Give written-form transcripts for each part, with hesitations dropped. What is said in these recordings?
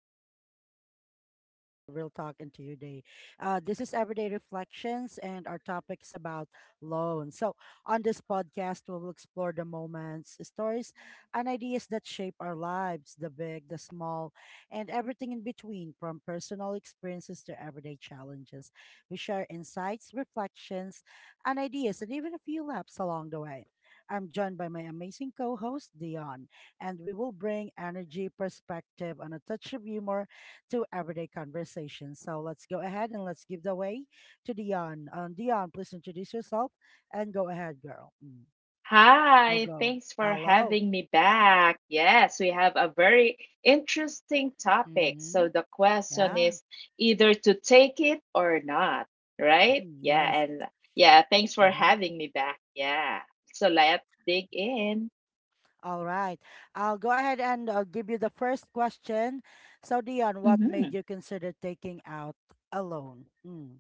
little perspective, and a lot of real talk into your day. This is Everyday Reflections, and our topic is about loans. So, on this podcast, we will explore the moments, stories, and ideas that shape our lives, the big, the small, and everything in between, from personal experiences to everyday challenges. We share insights, reflections, and ideas, and even a few laps along the way. I'm joined by my amazing co host, Dion, and we will bring energy, perspective, and a touch of humor to everyday conversations. So let's go ahead and let's give the way to Dion. Dion, please introduce yourself and go ahead, girl. We'll Hi, go. thanks for Hello. having me back. Yes, we have a very interesting topic. Mm-hmm. So the question Yeah. is either to take it or not, right? Mhm. Yeah, Yes. and yeah, thanks for Mm-hmm. having me back. Yeah. So let's dig in. All right. I'll go ahead and give you the first question. So, Dion, what made you consider taking out a loan? Mm.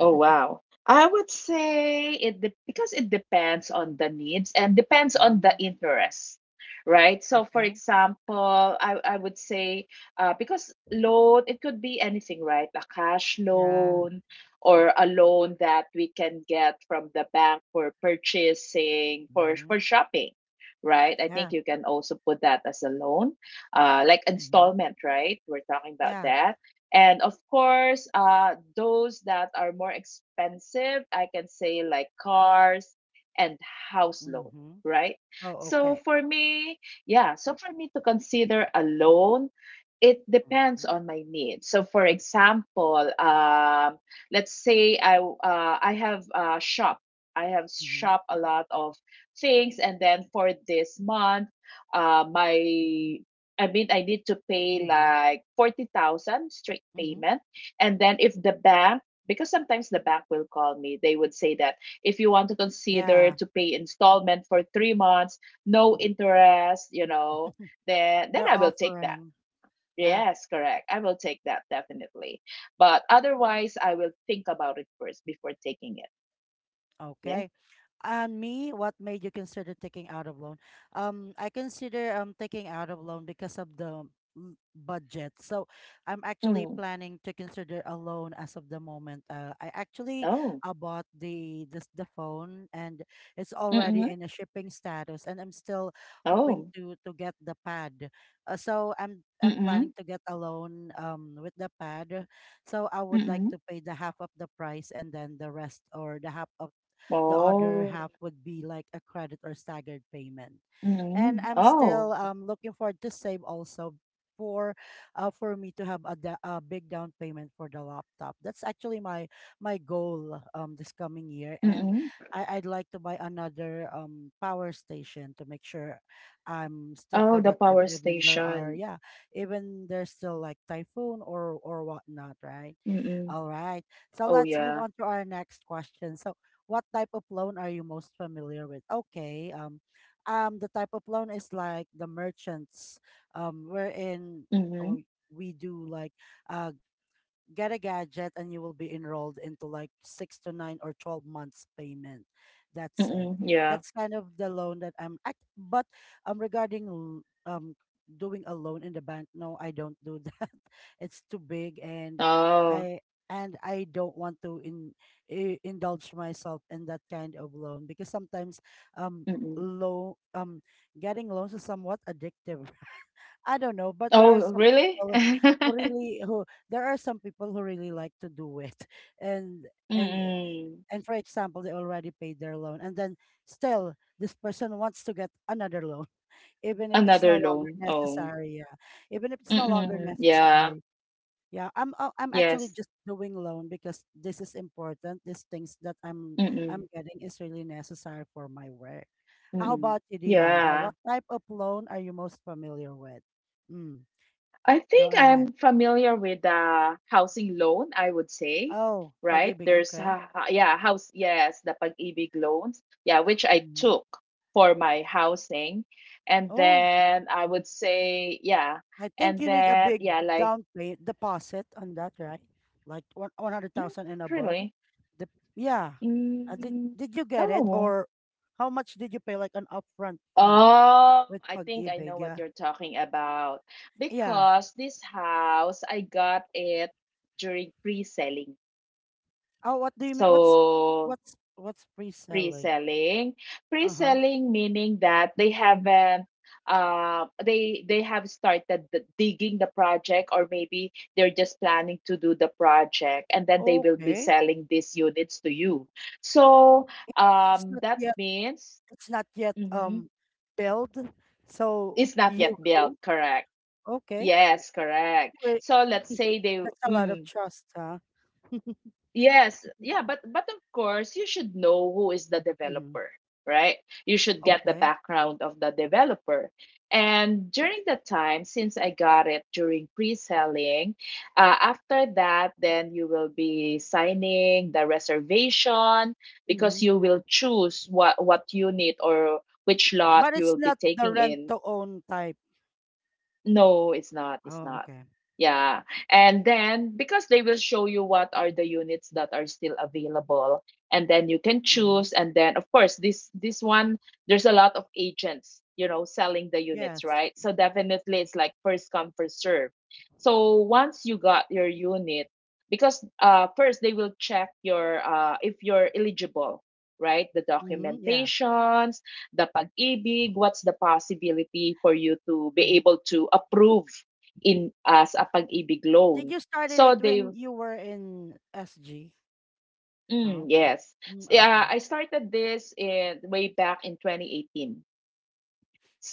Oh, wow. I would say because it depends on the needs and depends on the Mm. interest, right? So, for Okay. example, I would say because loan, it could be anything, right? A cash Yeah. loan or a loan that we can get from the bank for purchasing, for Mhm. shopping, right? I think Yeah. you can also put that as a loan, like Mhm. installment, right? We're talking about Yeah. that, and of course, those that are more expensive, I can say like cars and house loan, Mhm. right? Oh, So okay. for me, yeah, so for me to consider a loan, it depends Mhm. on my needs. So for example, let's say I have shop. I have Mhm. shop a lot of things, and then for this month, my I mean, I need to pay Mhm. like 40,000 straight Mhm. payment. And then if the bank, because sometimes the bank will call me, they would say that if you want to consider Yeah. to pay installment for 3 months, no interest, then They're I will take that. offering. Yeah. Yes, correct. I will take that definitely. But otherwise, I will think about it first before taking it. Yes. Okay. And me, what made you consider taking out of loan? I consider taking out of loan because of the budget. So I'm actually Mm. planning to consider a loan as of the moment. I actually Oh. Bought the phone, and it's already Mm-mm. in a shipping status, and I'm still hoping Oh. to get the pad. So I'm Mm-mm. planning to get a loan with the pad. So I would like Mm-mm. to pay the half of the price, and then the rest, or the half of the other Oh. half would be like a credit or staggered payment. And Mm-mm. I'm Oh. still looking forward to save also for for me to have a big down payment for the laptop. That's actually my goal this coming year, and Mm. I'd like to buy another power station to make sure I'm still Oh, the productive, power even there are station. yeah, even there's still like typhoon or whatnot, right? All Mm. right. So let's Oh, move on to yeah. our next question. So, what type of loan are you most familiar with? Okay. The type of loan is like the merchants, wherein oh, Mhm. we do like, uh, get a gadget and you will be enrolled into like six to nine or 12 months payment. That's it. Mm. That's kind Yeah. of the loan but regarding doing a loan in the bank. No, I don't do that. It's too big, and Oh. i I don't want to indulge myself in that kind of loan, because sometimes um Mm. low getting loans is somewhat addictive. I don't know, but Oh, really? people there are some people who really like to do it, and and eh, Mm. and for example, they already paid their loan, and then still this person wants to get another loan, even if it's no Another longer loan. Oh. necessary. Yeah, even if it's no longer Mm. Yeah. necessary. Yeah, I'm actually Yes. just doing loan because this is important. These things that I'm Mm. getting is really necessary for my work. How Mm. about you, Dion? Yeah. What type of loan are you most familiar with? Mm. I Go think ahead. I'm familiar with the housing loan, I would say, Oh, right? pag-ibig. There's, Okay. Yeah, house, yes, the Pag-ibig loans, yeah, which I Hmm. took for my housing. And Oh, then I would say, yeah, I think and you need a then, big yeah, like, down pay deposit on that, right? Like one one hundred mm, thousand and above. really? The, yeah. Uh, did Mm, Did you get it no. or how much did you pay, like an upfront fee Oh, with I think I know pag-ibig? what Yeah. you're talking about Yeah. because this house, I got it during pre-selling. Oh, what do you mean? What's So, What's What's pre-selling? pre-selling Uh huh. pre-selling meaning that they haven't they have started the digging the project, or maybe they're just planning to do the project, and then they will be Okay. selling these units to you. So It's not that yet. means, It's not yet mhm, built. So it's not you yet built, go. correct. Okay. Yes, correct. Great. So let's say they, That's a lot of mm, trust, huh? yes, yeah, but of course you should know who is the Hmm. developer, right? You should get the Okay. background of the developer. And during that time, since I got it during pre-selling, after that, then you will be signing the reservation, Hmm. because you will choose what unit or which lot But you it's will be not the taking rent in. to own type. No, it's not. It's Oh, not. okay. Yeah. And then, because they will show you what are the units that are still available, and then you can Hmm. choose. And then, of course, this one, there's a lot of agents, selling the units, Yes. right? So definitely it's like first come first serve. So once you got your unit, because first they will check your if you're eligible, right? The Hmm. Yeah. documentations, the pag-ibig, what's the possibility for you to be Hmm. able to approve in as a pag-ibig Did loan. you started So it they, when you were in SG? mm, Huh? yes. Mm, Yeah, okay. I started this in way back in 2018.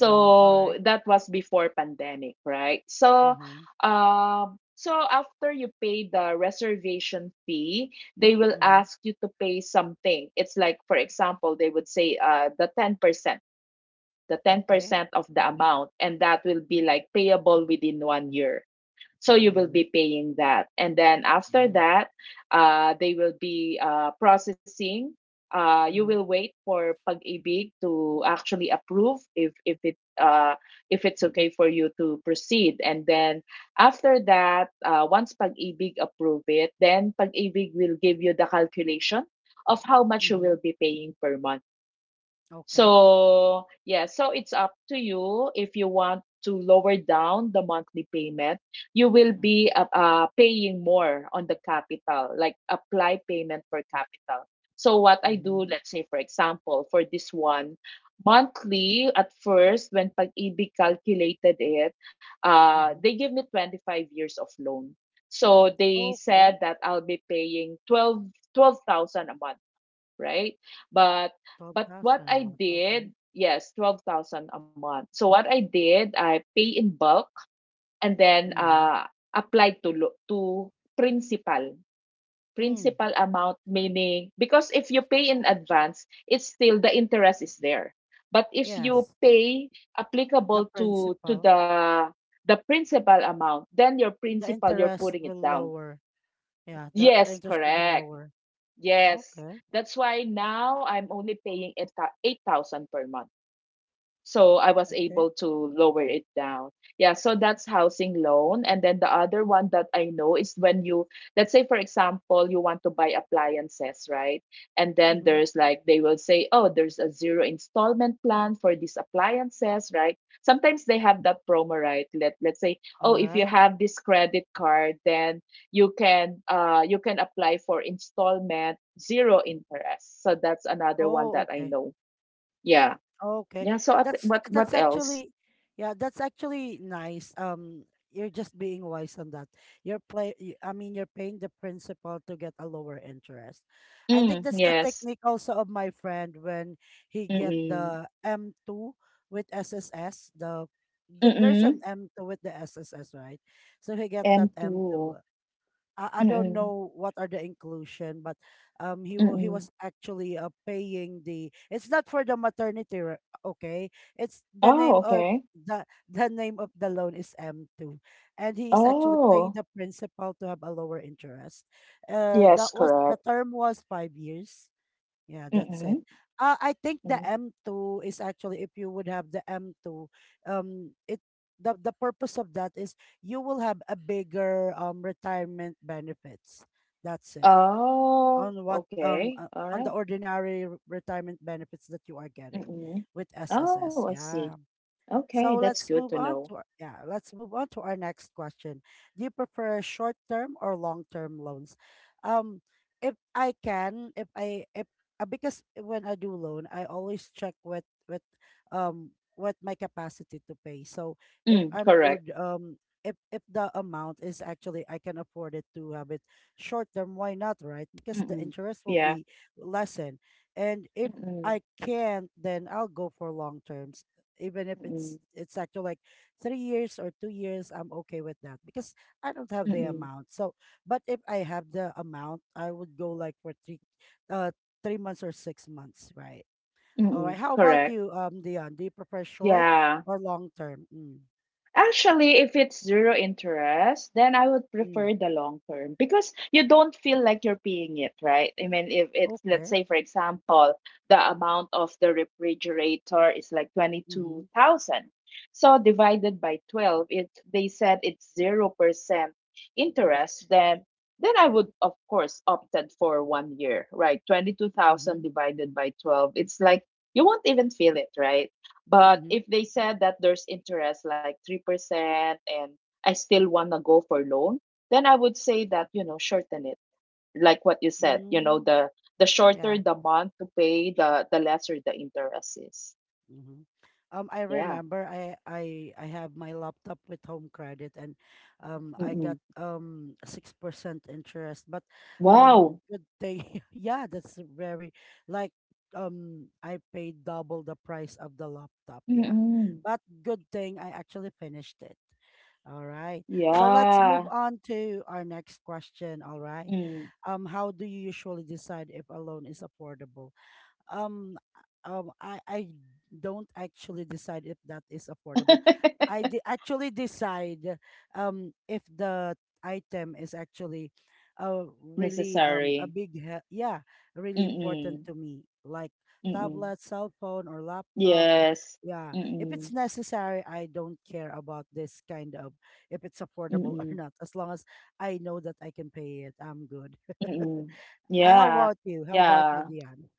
Mm, all right. that was before pandemic, right? So Mm-hmm. um so after you pay the reservation fee, they will Mm-hmm. ask you to pay something. It's like, for example, they would say the 10% the Okay. 10% of the amount, and that will be like payable within one year. So you will be Mm-hmm. paying that, and then after Mm-hmm. that, they will be processing. You will Mm-hmm. wait for pag-ibig to actually approve if it's okay for you to proceed, and then after that, once pag-ibig approve it, then pag-ibig will give you the calculation of how much you Mm-hmm. will be paying per month. Okay. So, yeah, so it's up to you if you want to lower down the monthly payment. You will be Mm-hmm. Paying more on the capital, like apply payment for capital. So, what I Mm-hmm. do, let's say, for example, for this one, monthly at first, when Pag-ibig calculated it, Mm-hmm. they give me 25 years of loan. So, they said Okay. that I'll be paying twelve thousand a month, right? But but 12,000 what a I month. Okay. did, yes, 12,000 a month. So what I did, I pay in bulk, and then Mm-hmm. Applied to principal. Mm. Principal amount, meaning because if you pay in advance, it's still the interest is there. But if Yes. you pay The applicable to to principal. the the principal amount, then your The principal, you're interest putting it will down. lower. Yeah, the Yes, interest will be correct. lower. Yes. Okay. That's why now I'm only paying 8,000 per month. So I was Okay. able to lower it down. Yeah, so that's housing loan. And then the other one that I know is when you, let's say, for example, you want to buy appliances, right? And then Mm-hmm. there's like, they will say, oh, there's a zero installment plan for these appliances, right? Sometimes they have that promo, right? Let's say, oh, All if you right. have this credit card, then you can apply for installment zero interest. So that's another one Oh, that I okay. know, yeah, Okay. yeah, so at That's what that's else? actually, yeah, that's actually nice. You're just being wise on that. I mean, you're paying the principal to get a lower interest. I think Mm, that's the yes. technique also of my friend when he get Mm-mm. the M2 with SSS. There's an Mm-mm. M2 with the SSS, right? So he get that M2. M2. I don't Mm-mm. know what are the inclusion, but he he Mm-mm. was actually paying the. It's not for the maternity, okay? It's the Oh, name of okay. The name of the loan is M2, and he is actually paying Oh, the principal to have a lower interest. That yes, was The correct. term was 5 years, yeah, that's it. Mm-mm. I think the Mm. M2 is actually if you would have the M2, it the purpose of that is you will have a bigger retirement benefits. That's it. Oh, On what um okay. uh, All on right. the ordinary retirement benefits that you are getting Mm-mm. with SSS. Oh, I see. Yeah. So Okay, that's let's good move to on know. to our, yeah, let's move on to our next question. Do you prefer short-term or long-term loans? Um, if I can, if I if Because when I do loan, I always check with what my capacity to pay. So if Mm, I'm correct. good, if the amount is actually I can afford it to have it short-term, why not, right? Because the Mm-mm. interest will Yeah. be lessen, and if Mm-mm. I can't, then I'll go for long terms, even if it's Mm-mm. Actually like 3 years or 2 years. I'm okay with that because I don't have the Mm-mm. amount. So but if I have the amount, I would go like for uh 3 months or 6 months, right? All right, Mm-mm. how about Correct. you, Dion? Do you prefer short Yeah. or long term? Mm. Actually, if it's zero interest, then I would Mm. prefer the long term, because you don't feel like you're paying it, right? I mean, if it's, let's Okay. say, for example, the amount of the refrigerator is like Mm-hmm. 22,000. So divided by 12, it they said it's 0% interest, then I would, of course, opted for one year, right? 22,000 Mm-hmm. divided by 12. It's like you won't even feel it, right? But Mm-hmm. if they said that there's interest like 3%, and I still want to go for loan, then I would say that, shorten it. Like what you said, Mm, the shorter yeah. the month to pay, the lesser the interest is. Mm-hmm. I Yeah. remember I have my laptop with home credit, and I got Mm-mm. 6% interest. But Wow. good thing. Yeah, that's very like I paid double the price of the laptop, yeah. Mm-mm. But good thing I actually finished it. All right. So let's move Yeah. on to our next question. All right. Mm. How do you usually decide if a loan is affordable? um I don't actually decide if that is affordable. Actually decide if the item is actually really Necessary. Yeah, really important Mm-mm. to me like Mm-mm. tablet, cell phone or laptops. Yes. Yeah, if it's Mm-mm. necessary, I don't care about this kind of, if it's affordable or Mm-mm. not. As long as I know that I can pay it, I'm good. Mm-mm. How Yeah. about you? How about you, Yeah. Diane?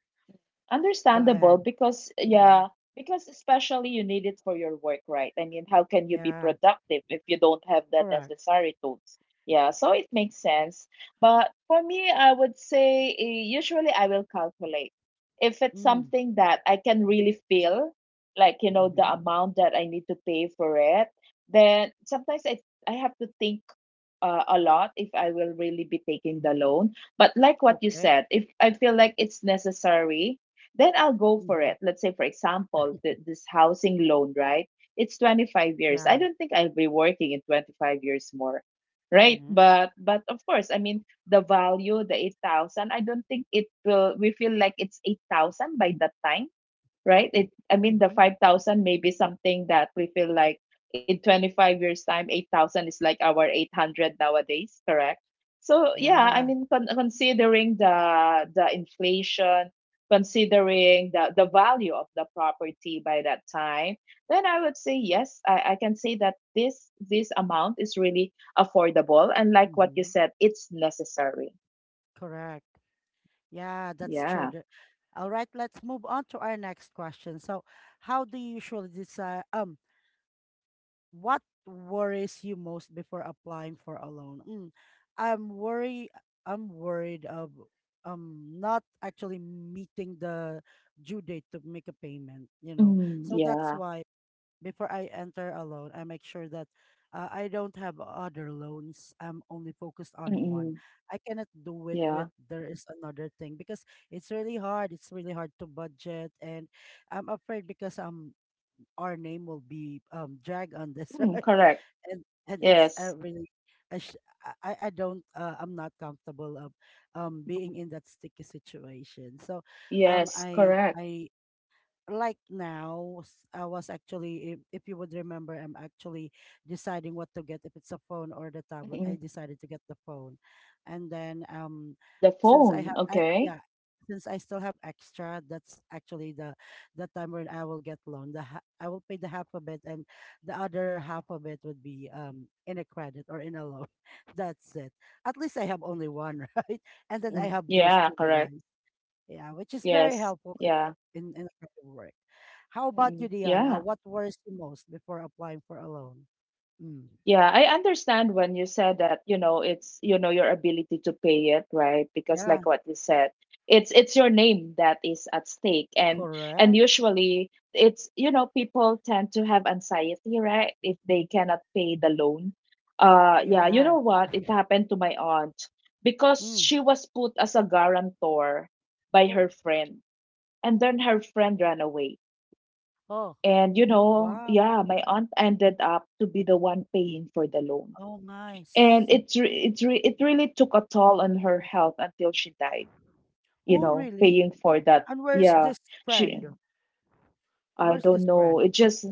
Go Understandable ahead. because, Mm-hmm. yeah, because especially you need it for your work, right? I mean, how can you be Yeah, productive if you don't have the correct. necessary tools? Yeah, so it makes sense. But for me, I would say usually I will calculate if it's Mm. something that I can really feel, like, the Mm-hmm. amount that I need to pay for it. Then sometimes I have to think a lot if I will really be taking the loan. But like what you Okay. said, if I feel like it's necessary, then I'll go for Mm-hmm. it. Let's say, for example, this housing loan, right? It's 25 years. Yeah. I don't think I'll be working in 25 years more, right? Mm-hmm. But of course, I mean the value, the 8,000. I don't think it will. We feel like it's 8,000 by that time, right? It, I mean, Mm-hmm. the 5,000 may be something that we feel like in 25 years' time, 8,000 is like our 800 nowadays, correct? So, yeah, I Yeah. mean, considering the inflation, considering the value of the property by that time, then I would say yes, I can say that this amount is really affordable. And like what you Mm-hmm. said, it's necessary. Correct. Yeah, that's true. Yeah. All right, let's move on to our next question. So, how do you usually decide what worries you most before applying for a loan? Mm. I'm worry I'm worried of not actually meeting the due date to make a payment. Mm, So that's yeah. why before I enter a loan, I make sure that I don't have other loans. I'm only focused on one. Mm-mm, I cannot do it yeah. with there is another thing, because it's really hard. It's really hard to budget, and I'm afraid because our name will be dragged on this, Mm, right? correct. And it's Yes. really. I, sh- I don't I'm not comfortable of being Mm. in that sticky situation. So Yes, correct. I like now, s- I was actually if you would remember, I'm actually deciding what to get, if it's a phone or the tablet. I Mm-mm. decided to get the phone, and then The since I phone, have I, okay. yeah, since I still have extra, that's actually the time when I will get loan. I will pay the half of it, and the other half of it would be in a credit or in a loan. That's it. At least I have only one, right? And then I Mm-mm. have those Yeah, two correct. devices, yeah, which is very Yes, helpful in yeah. in, in a kind of work. How about you, Mm-mm. Dion? Yeah, What worries you most before applying for a loan? Mm. yeah, I understand when you said that, it's, your ability to pay it, right? Because Yeah, like what you said, it's your name that is at stake, and correct. usually it's, people tend to have anxiety, right? If they cannot pay the loan. Yeah, you Yeah. know what? It happened to my aunt because Mm. she was put as a guarantor by Oh, her friend, and then her friend ran away. oh, And wow. yeah, my aunt ended up to be the one paying for the loan, Oh my. and it really took a toll on her health until she died you Oh, know really? paying for that. And where's Yeah. this She, friend? I Where's this don't know, friend? it just,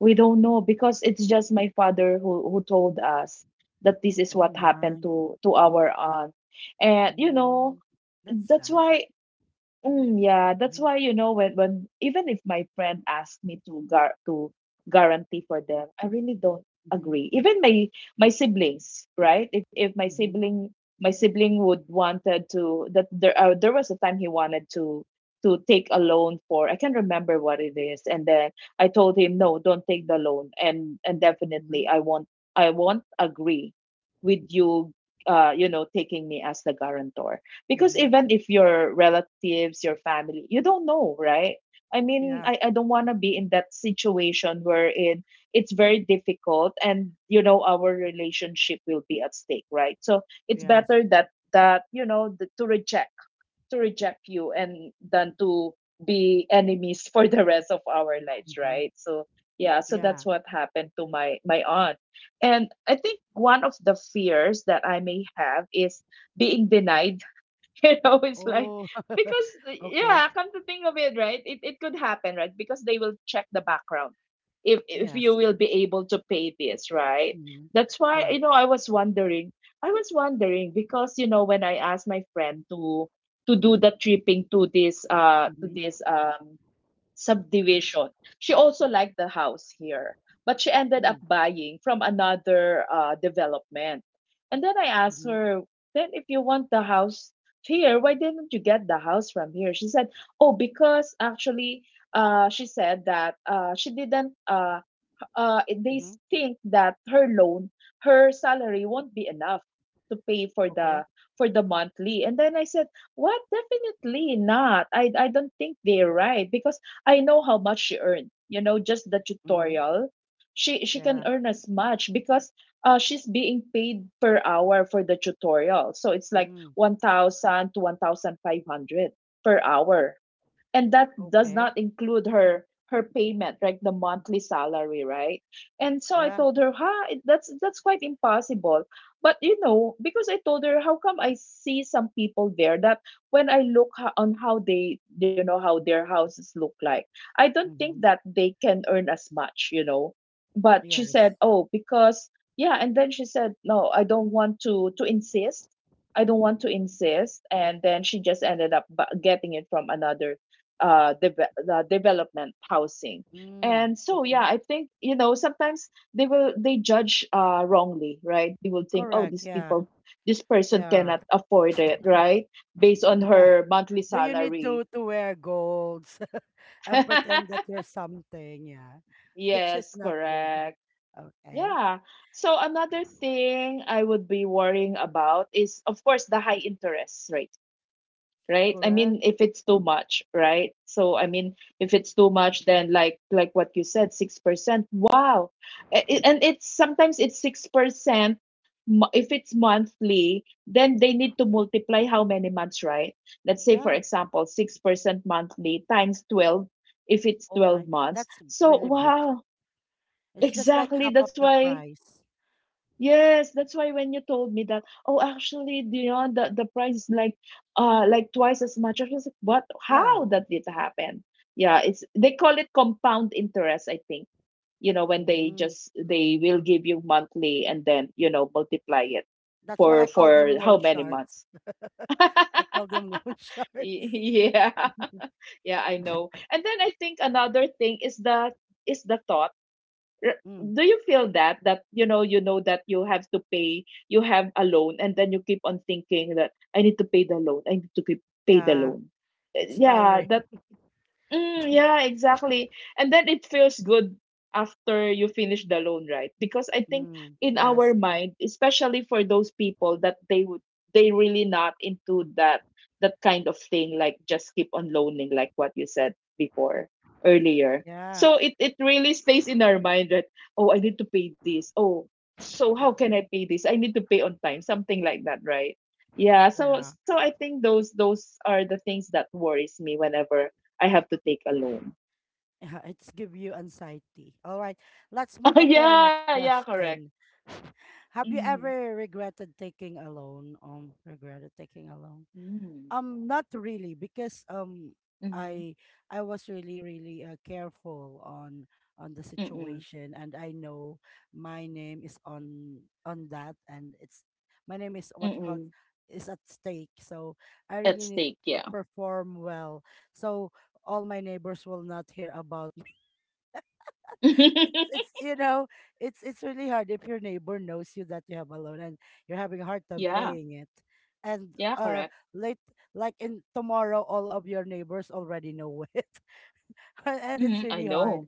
we don't know, because it's just my father who told us that this is Oh what happened my. to our aunt. And Mm. That's that's sad. why. Mm, yeah, that's Mm-hmm. why when even if my friend asked me to gar to guarantee for them, I really don't Mm-hmm. agree. Even my siblings, right? If my Mm-hmm. sibling my sibling would wanted to that there there was a time he wanted to take a loan for I can't remember what it is, and then I told him no, don't take the loan, and definitely Mm-hmm. I won't agree with you, taking me as the guarantor, because Mm-hmm. even if your relatives, your family, you don't know, right? I mean, Yeah. I don't want to be in that situation wherein it's very difficult, and you know our relationship will be at stake, right? So it's Yes. better that to reject, to reject you and than to be enemies for the rest of our lives, Mm-hmm. right? So yeah, so Yeah. that's what happened to my aunt. And I think one of the fears that I may have is being denied, you know, it's like, Oh. because Okay. yeah, come to think of it, right? It could happen, right? Because they will check the background if you Yes. will be able to pay this, right? Mm-hmm. That's why you Correct. know I was wondering, I was wondering, because you know when I asked my friend to do the tripping to Mm-hmm. this subdivision. She also liked the house here, but she ended up Mm-hmm. buying from another development. And then I asked Mm-hmm. her, then if you want the house here, why didn't you get the house from here? She said, oh, because actually, she said that she didn't. They Mm-hmm. think that her loan, her salary won't be enough to pay for Okay. the monthly. And then I said, what? Definitely not. I don't think they're right because I know how much she earned. You know, just the Mm-hmm. tutorial, she can Yeah. earn as much, because she's being paid per hour for the tutorial. So it's like Mm-hmm. 1,000 to 1,500 per hour, and that does Okay. not include her payment, like the monthly salary, right? And so I Yeah. told her, huh, that's quite impossible. But you know, because I told her, how come I see some people there that when I look on how they, you know, how their houses look like, I don't think Mm-hmm. that they can earn as much, you know? But she Yes. said, oh, because yeah, and then she said, no, I don't want to insist, I don't want to insist. And then she just ended up getting it from another the development housing. Mm. And so yeah, Okay. I think you know sometimes they judge wrongly, right? They will think, oh, Correct. these Yeah. people, this person Yeah. cannot afford it, right? Based on Yeah. her monthly Do you need to salary. to wear golds and pretend that you're something? Yeah. Which is Yes, not good. correct. Okay. Yeah. So another thing I would be worrying about is, of course, the high interest rate, right? I mean, Correct. if it's too much, right? So I mean, if it's too much, then like what you said, 6%. Wow, and it's sometimes it's 6%. If it's monthly, then they need to multiply how many months, right? Let's say, for Yeah. example, 6% monthly times 12. If it's Oh my. 12 months, That's so really big. wow. It's just like Exactly. half of That's the why, price. yes, that's why when you told me that, oh, actually, you know, the price is like twice as much. I was like, what? Yeah. How that did happen? Yeah, it's, they call it compound interest, I think. You know, when Mm. They will give you monthly and then you know multiply it That's why I for call them how loan many sharks. months? I call them loan sharks. Yeah, yeah, I know. And then I think another thing is the thought, Mm, do you feel that you know, you know that you have to pay, you have a loan, and then you keep on thinking that I need to pay the loan, I need to keep, pay the yeah, loan. It's yeah. tiring. Mm, yeah, exactly. And then it feels good after you finish the loan, right? Because I think Mm, in our yes. mind, especially for those people that they would, they really not into that kind of thing, like just keep on loaning, like what you said before, earlier. Yeah. So it really stays in our mind that, oh, I need to pay this. Oh, so how can I pay this? I need to pay on time, something like that, right? Yeah, so Yeah. I think those are the things that worries me whenever I have to take a loan. Yeah. It's give you anxiety. All right. Let's move on to our Yeah, next yeah, correct. question. Have you Mm-hmm. ever regretted taking a loan? Regretted taking a loan? Mm-hmm. Not really because Mm-hmm. I I was really careful on the Mm-mm. situation, and I know my name is on that, and it's my name is what you call it, Mm-mm. is at stake. So I At really need stake, to yeah. perform well so all my neighbors will not hear about it's it's you know it's really hard if your neighbor knows you that you have a loan and you're having a hard time Yeah, paying it and yeah, correct. late, like in tomorrow all of your neighbors already know it, and it's Mm-hmm. I really hard. know.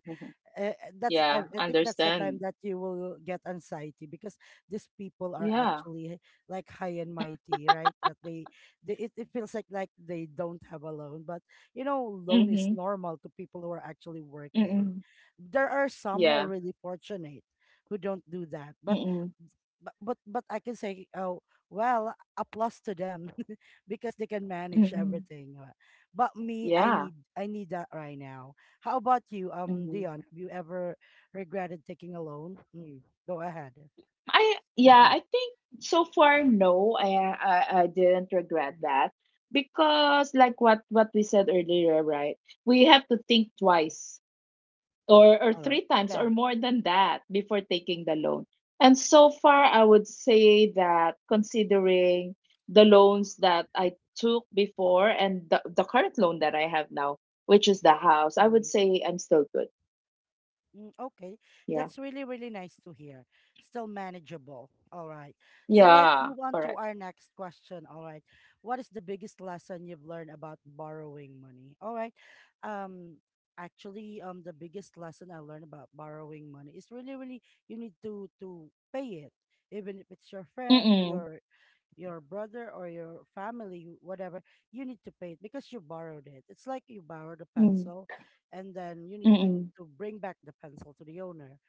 uh, that's Yeah, I think that's the time understand. that you will get anxiety because these people are Yeah. actually like high and mighty, right, that they it, it feels like they don't have a loan. But you know loan is Mm-hmm. normal to people who are actually working. Mm-mm. There are some who are Yeah. really fortunate who don't do that, but Mm-mm. But I can say, oh, well, a plus to them because they can manage Mm-mm. everything. But me, Yeah. I need that right now. How about you, Mm-hmm. Dion? Have you ever regretted taking a loan? Go ahead. I, yeah, Mm, I think so far no, I didn't regret that because like what we said earlier, right? We have to think twice or all right. three times Yeah. or more than that before taking the loan. And so far, I would say that considering the loans that I took before and the current loan that I have now, which is the house, I would Mm-hmm. say I'm still good. Mm, okay, Yeah. that's really, really nice to hear. Still manageable. All right. So let's Yeah. move on to Correct. our next question. All right. What is the biggest lesson you've learned about borrowing money? All right. Um, Actually, the biggest lesson I learned about borrowing money is really, really you need to pay it, even if it's your friend, Mm-mm. Your brother or your family, whatever. You need to pay it because you borrowed it. It's like you borrowed a Mm. pencil and then you need to Mm-mm. Bring back the pencil to the owner.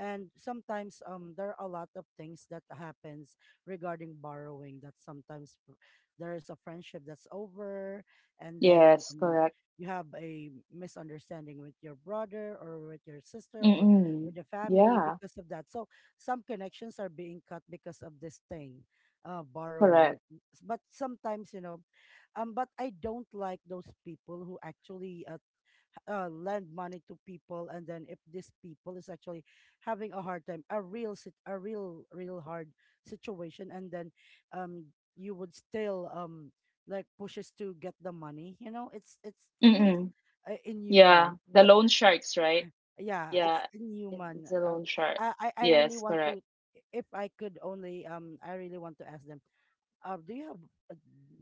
And sometimes there are a lot of things that happens regarding borrowing, that sometimes there is a friendship that's over. And then Yes. Correct. you have a misunderstanding with your brother or with your sister or Mm-mm. with the family Yeah. because of that. So some connections are being cut because of this thing, borrowing. Correct. But sometimes, you know, but I don't like those people who actually lend money to people, and then if this people is actually having a hard time, a real real hard situation, and then um you would still like pushes to get the money. You know, it's for me, it's Mm-mm. Yeah. inhuman. The loan sharks, right? Yeah, it's Yeah. Inhuman. It's a loan shark. I really Yes. want to, Correct. if I could only I really want to ask them, do you have, uh,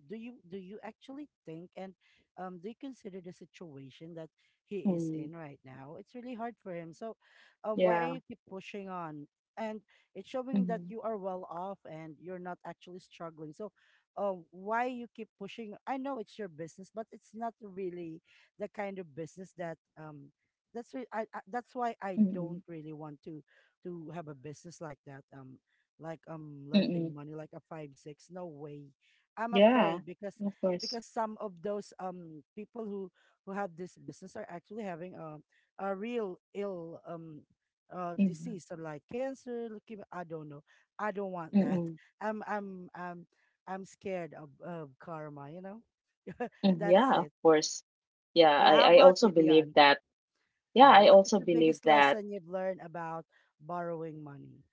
do you actually think and do you consider the situation that he is in Mm. right now? It's really hard for him. So, why are Yeah. you keep pushing on? And it's showing that Mhm, you are well off and you're not actually struggling. So, why you keep pushing? I know it's your business, but it's not really the kind of business that That's why I mm, don't really want to have a business like that. Like lending mm. money like a five six. No way, I'm Yeah, afraid. Because of course. Some of those people who have this business are actually having a real ill Mhm, disease, or like cancer, leukemia, I don't know. I don't want mm, that. mm. i'm i'm i'm I'm scared of karma, you know. That's Yeah, of it. course. Yeah, Yeah, how I about also you, believe Dion? that. Yeah, Yeah, I what is also the believe biggest that. lesson you've learned about borrowing money?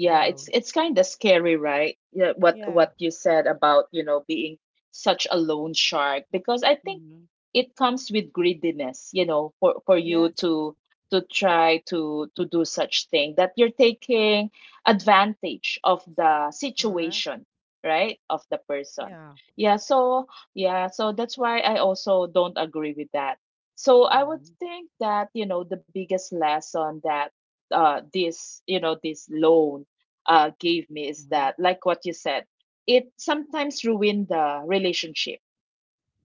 Yeah, Go. it's kind of scary, right? Yeah, Yeah. what you said about, you know, being such a loan shark, because I think Hmm. it comes with greediness, you know, for you Yes. To try to do such thing that you're taking advantage of the Correct. situation, right? Of the person. Yeah. Yeah, so yeah, so that's why I also don't agree with that. So I would Mm-hmm. think that, you know, the biggest lesson that this you know this loan gave me is Mm-hmm. that, like what you said, it sometimes ruined the relationship,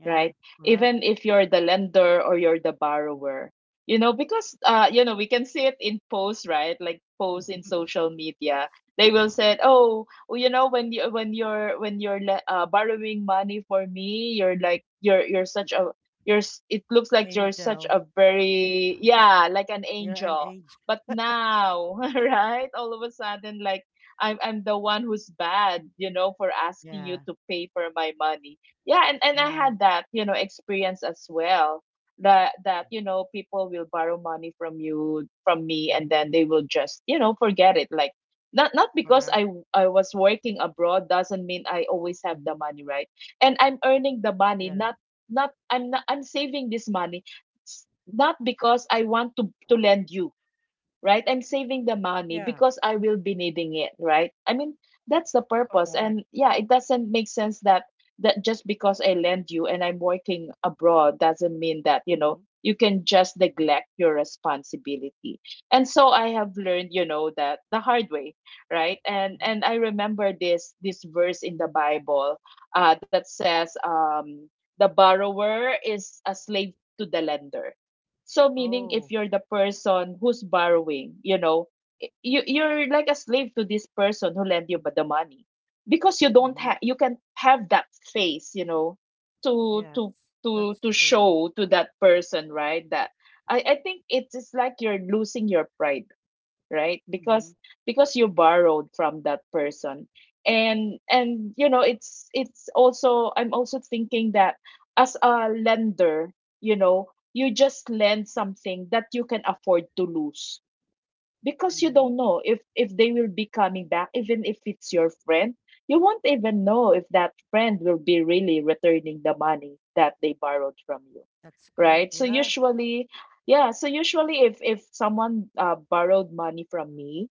Yeah. right? Correct. Even if you're the lender or you're the borrower. You know, because you know, we can see it in posts, right? Like posts in social media. They will say, "Oh, well, you know, when you when you're borrowing money for me, you're like you're such a, it looks like you're such Angel. a very, yeah, like an You're an angel. angel. But now, right? All of a sudden, like I'm the one who's bad, you know, for asking you Yeah. to pay for my money." Yeah, and I Yeah. had that, you know, experience as well, that you know, people will borrow money from you, from me, and Mm-hmm. then they will just, you know, forget it, like, not, not because Correct. I was working abroad doesn't mean I always have the money, right? And I'm earning the money, Yeah. not, I'm saving this money, s- not because I want to lend you, right? I'm saving the money Yeah. because I will be needing it, right? I mean, that's the purpose. Correct. And yeah, it doesn't make sense that just because I lend you and I'm working abroad doesn't mean that, you know, Mm-hmm. you can just neglect your responsibility. And so I have learned, you know, that the hard way, right? Mm-hmm. And I remember this verse in the Bible that says the borrower is a slave to the lender. So meaning, if Oh. you're the person who's borrowing, you know, you, you're like a slave to this person who lend you but the money, because you don't have, Mm-hmm. you can have that face, you know, to Yes. That's to true. show to that person, right? That I think it is like you're losing your pride, right? Mm-hmm. Because you borrowed from that person. And you know, it's also, I'm also thinking that as a lender, you know, you just lend something that you can afford to lose, because you Mm-hmm. don't know if they will be coming back, even if it's your friend, you won't even know if that friend will be really returning the money that they borrowed from you, That's correct. right? So Yeah. usually, yeah, so usually if someone borrowed money from me,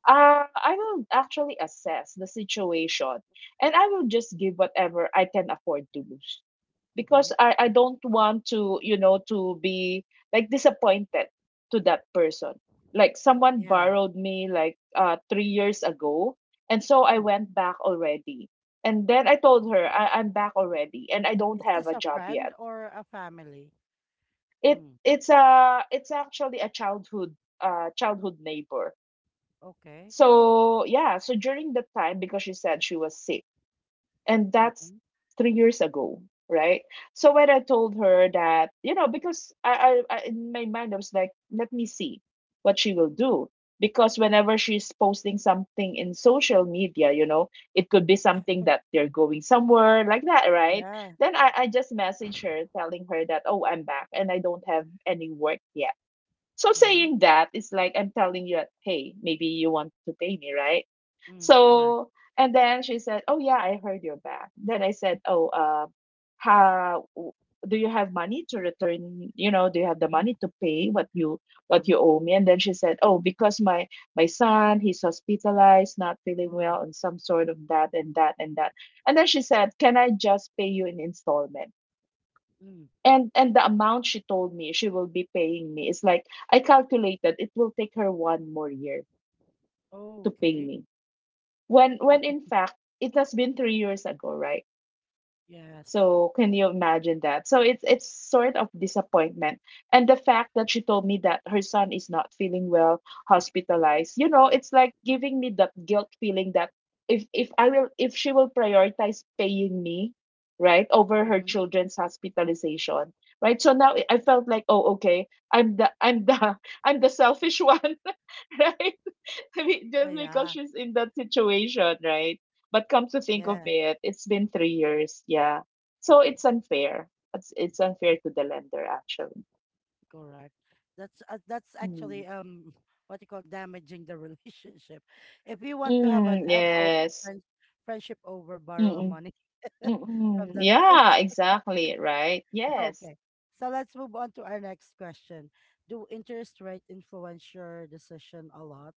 I will actually assess the situation and I will just give whatever I can afford to lose, Mm-hmm. because I don't want to, you know, to be like disappointed to that person. Like someone Yeah. borrowed me like 3 years ago. And so I Mm. went back already. And then I told her, I'm back already and I don't Is have a this a job yet. friend or a family? It Mm. it's a, it's actually a childhood childhood neighbor. Okay. So yeah, so during the time, because she said she was sick and that's Mm-hmm. 3 years ago, right? So when I told her that, because I in my mind, I was like, let me see what she will Mm-hmm. do. Because whenever she's posting something in social media, it could be something that they're going somewhere, like that, right? Yeah. Then I just message her telling her that, oh, I'm back and I don't have any work yet. So Uh-huh. saying that, it's like I'm telling you that, hey, maybe you want to pay me, right? Mm. Correct. So, and then she said, "Oh yeah, I heard you're back." Then I said, "Oh, how do you have money to return? You know, do you have the Mm-hmm. money to pay what you Mm-hmm. owe me?" And then she said, "Oh, because my son, he's hospitalized, not feeling Oh. well, and some sort of that and that and that." And then she said, "Can I just pay you in installment?" Mm. And the amount she told me she will be paying me is like, I calculated it will take her one more year to pay Okay. me, when in fact it has been 3 years ago, right? Yes. So can you imagine that? So it's sort of disappointment. And the fact that she told me that her son is not feeling well, hospitalized, it's like giving me that guilt feeling that, if she will prioritize paying me, right, over her Mm-hmm. children's hospitalization, right? So now I felt like, oh okay, I'm the I'm the selfish one. Right. I mean, Ah, just because yeah. she's in that situation, right? But come to think of Yeah. it, it's been 3 years. Yeah. So it's unfair. It's unfair to the lender, actually. Correct. That's Mm. actually what you call damaging the relationship. If you want to have an Mm, yes. friend, friendship over borrow a Mm-mm. money Mm-mm. from that Yeah, person. exactly. Right. Yes. Okay. So let's move on to our next question. Do interest rate influence your decision a lot?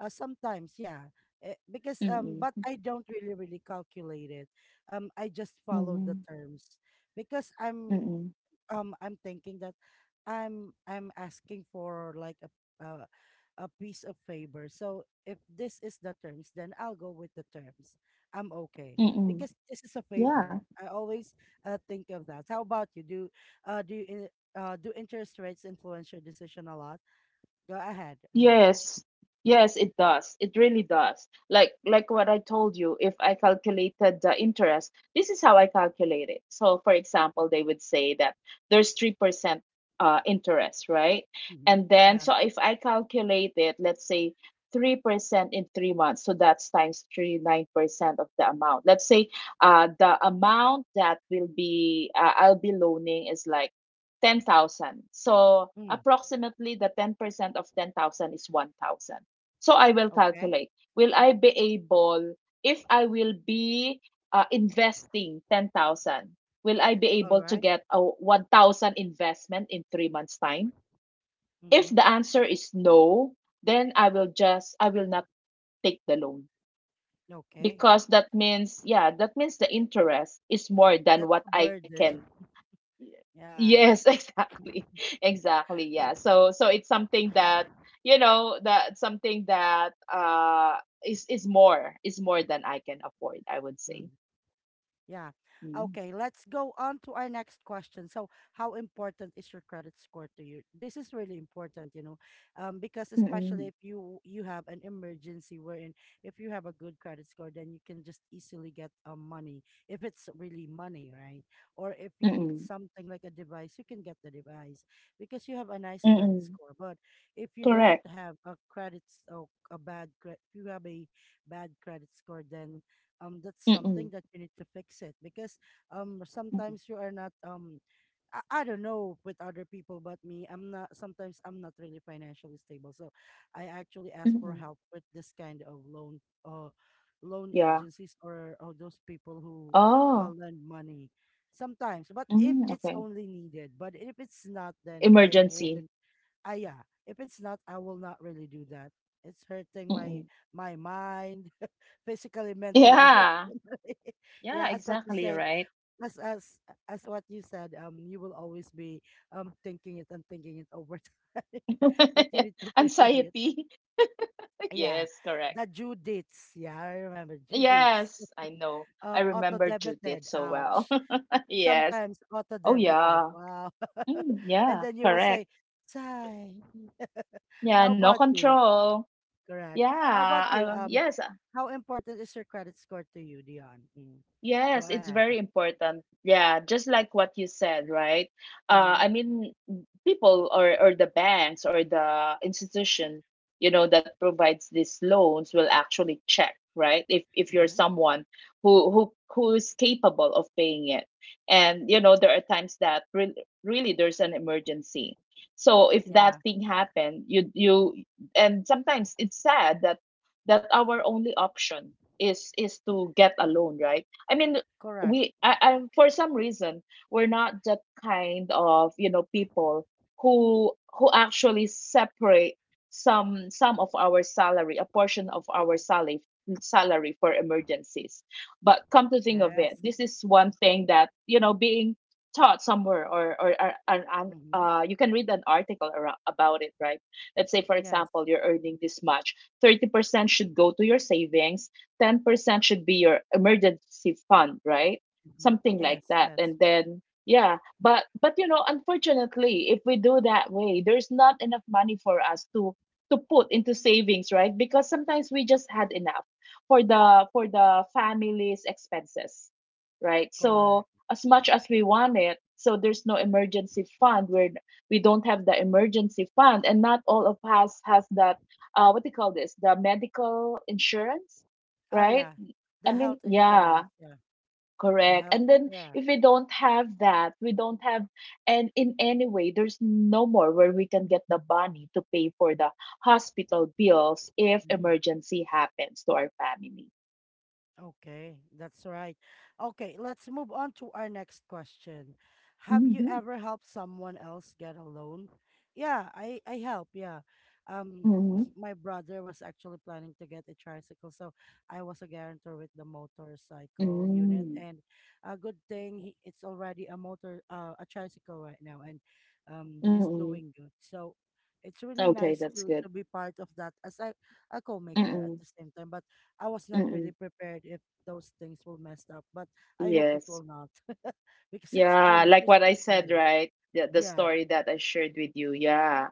Sometimes, yeah. Eh, because but Mm-mm. I don't really calculate it. I just follow the Mm-mm. terms because Mm-mm. I'm thinking that I'm asking for like uh, a piece of favor. So if this is the terms, then I'll go with the terms. I'm okay because Mm-mm. this is a Yeah. favor. I always think of that. How about you? Uh do you in, do interest rates influence your decision a lot? Go ahead. Mm. Yes. Yes, it does. It really does. Like what I told you, if I calculated the interest, this is how I calculate it. So for example, they would say that there's 3% interest, right? Mm-hmm. And then Yeah. so if I calculate it, let's say 3% in 3 months, so that's times 3, 9% of the amount. Let's say the amount that will be I'll be loaning is like 10,000. So Mm. approximately the 10% of 10,000 is 1,000. So I will Okay. calculate. Will I be able, if I will be investing 10,000, will I be All able to right. get a 1,000 investment in 3 months' time? If Mm-hmm. the answer is no, then I will just, I will not take the loan Okay. because that means, yeah, that means the interest is more than That's what a I burden. can. Y- Yeah. Yes, exactly. Exactly. Yeah. So, it's something that, that something that, is more, is more than I can afford, I would say. 嗯。Yeah. Mm. Okay, let's go on to our next question. So, how important is your credit score to you? This is really important, you know, because especially if Mm-mm. You have an emergency wherein if you have a good credit score, then you can just easily get money if it's really money, right? Or if you need Mm-mm. something like a device, you can get the device because you have a nice credit score. Mm-mm. But if you don't Correct. have a credit s- or a bad credit, if you have a bad credit score, then that's something Mm-mm. that you need to fix it because Mm-mm. sometimes you are not I don't know with other people, but me, I'm not, sometimes I'm not really financially stable. So I actually ask Mm-mm. for help with this kind of loan Yeah. agencies, or those people who Oh. lend money, sometimes, but if Mm, it's okay. only needed. But if it's not, then I Emergency. wouldn't. Ah, yeah, if it's not, I will not really do that. It's hurting my Mm-mm. my mind physically, mentally, Yeah. emotionally. Yeah, Yeah, as what you exactly, say, right? as as as what you said, you will always be thinking it and thinking it over time that you need to pay it. Anxiety. Yeah, Yes, correct. the due dates. Yeah, I remember due dates. Yes, I know. I Auto remember Judith debited. so well. Ouch. Yes. Sometimes auto Oh, debited. yeah. Wow. Mm, And yeah, then you will say, correct. "Sigh." Yeah, How no about you? control. Correct. Yeah, How about you? Yes. How important is your credit score to you, Dion? Mm. Go Yes, it's ahead. very important. Yeah, just like what you said, right? I Mhm, mean, people or the banks or the institution, that provides these loans will actually check, right? If you're mhm. someone who is capable of paying it, and there are times that re really there's an emergency. So if that Yeah, thing happened, you and sometimes it's sad that our only option is to get a loan, right? I mean, correct. I for some reason, we're not that kind of people who actually separate some of our salary, a portion of our salary for emergencies. But come to think of it, Yes. this is one thing that being taught somewhere, or Mhm. You can read an article about it, right? Let's say for Yes. example, you're earning this much. 30% should go to your savings, 10% should be your emergency fund, right? Mhm. Something like Yes, that. yes. And then yeah, but unfortunately, if we do that way, there's not enough money for us to put into savings, right? Because sometimes we just had enough for the family's expenses, right? So Correct. as much as we want it, so there's no emergency fund. We don't have the emergency fund, and not all of us has that, what do you call this? The medical insurance, Oh right? yeah. I The mean, health yeah, insurance, yeah. The correct. health, And then yeah. if we don't have that, we don't have, and in any way, there's no more where we can get the money to pay for the hospital bills if Mm. emergency happens to our family. Okay, that's right. Okay, let's move on to our next question. Have you Mm-hmm. ever helped someone else get a loan? Yeah, I help, yeah. Um Mm-hmm. my brother was actually planning to get a tricycle, so I was a guarantor with the motorcycle unit. Mm-hmm. And a good thing, it's already a tricycle right now, and he's Mm-mm. doing good. So it's really Okay, nice that's to good. Be part of that as a co-maker at Mm-mm. the same time. But I was not really Mm-mm. prepared if those things will mess up, but I hope it will Yes. not. Because it's Yeah, three like years what I to said, play. right? The Yeah. story that I shared with you. Yeah.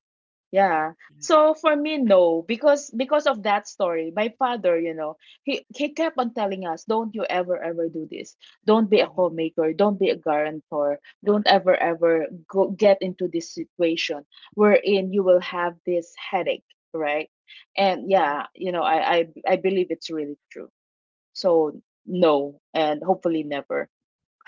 Yeah. Yeah. So for me, no, because of that story, my father, he kept on telling us, "Don't you ever ever do this. Don't be a Mm-hmm. homemaker. Don't be a guarantor. Don't ever ever go get into this situation wherein you will have this headache, right?" And Yeah. yeah, I believe it's really true. So no, and hopefully never.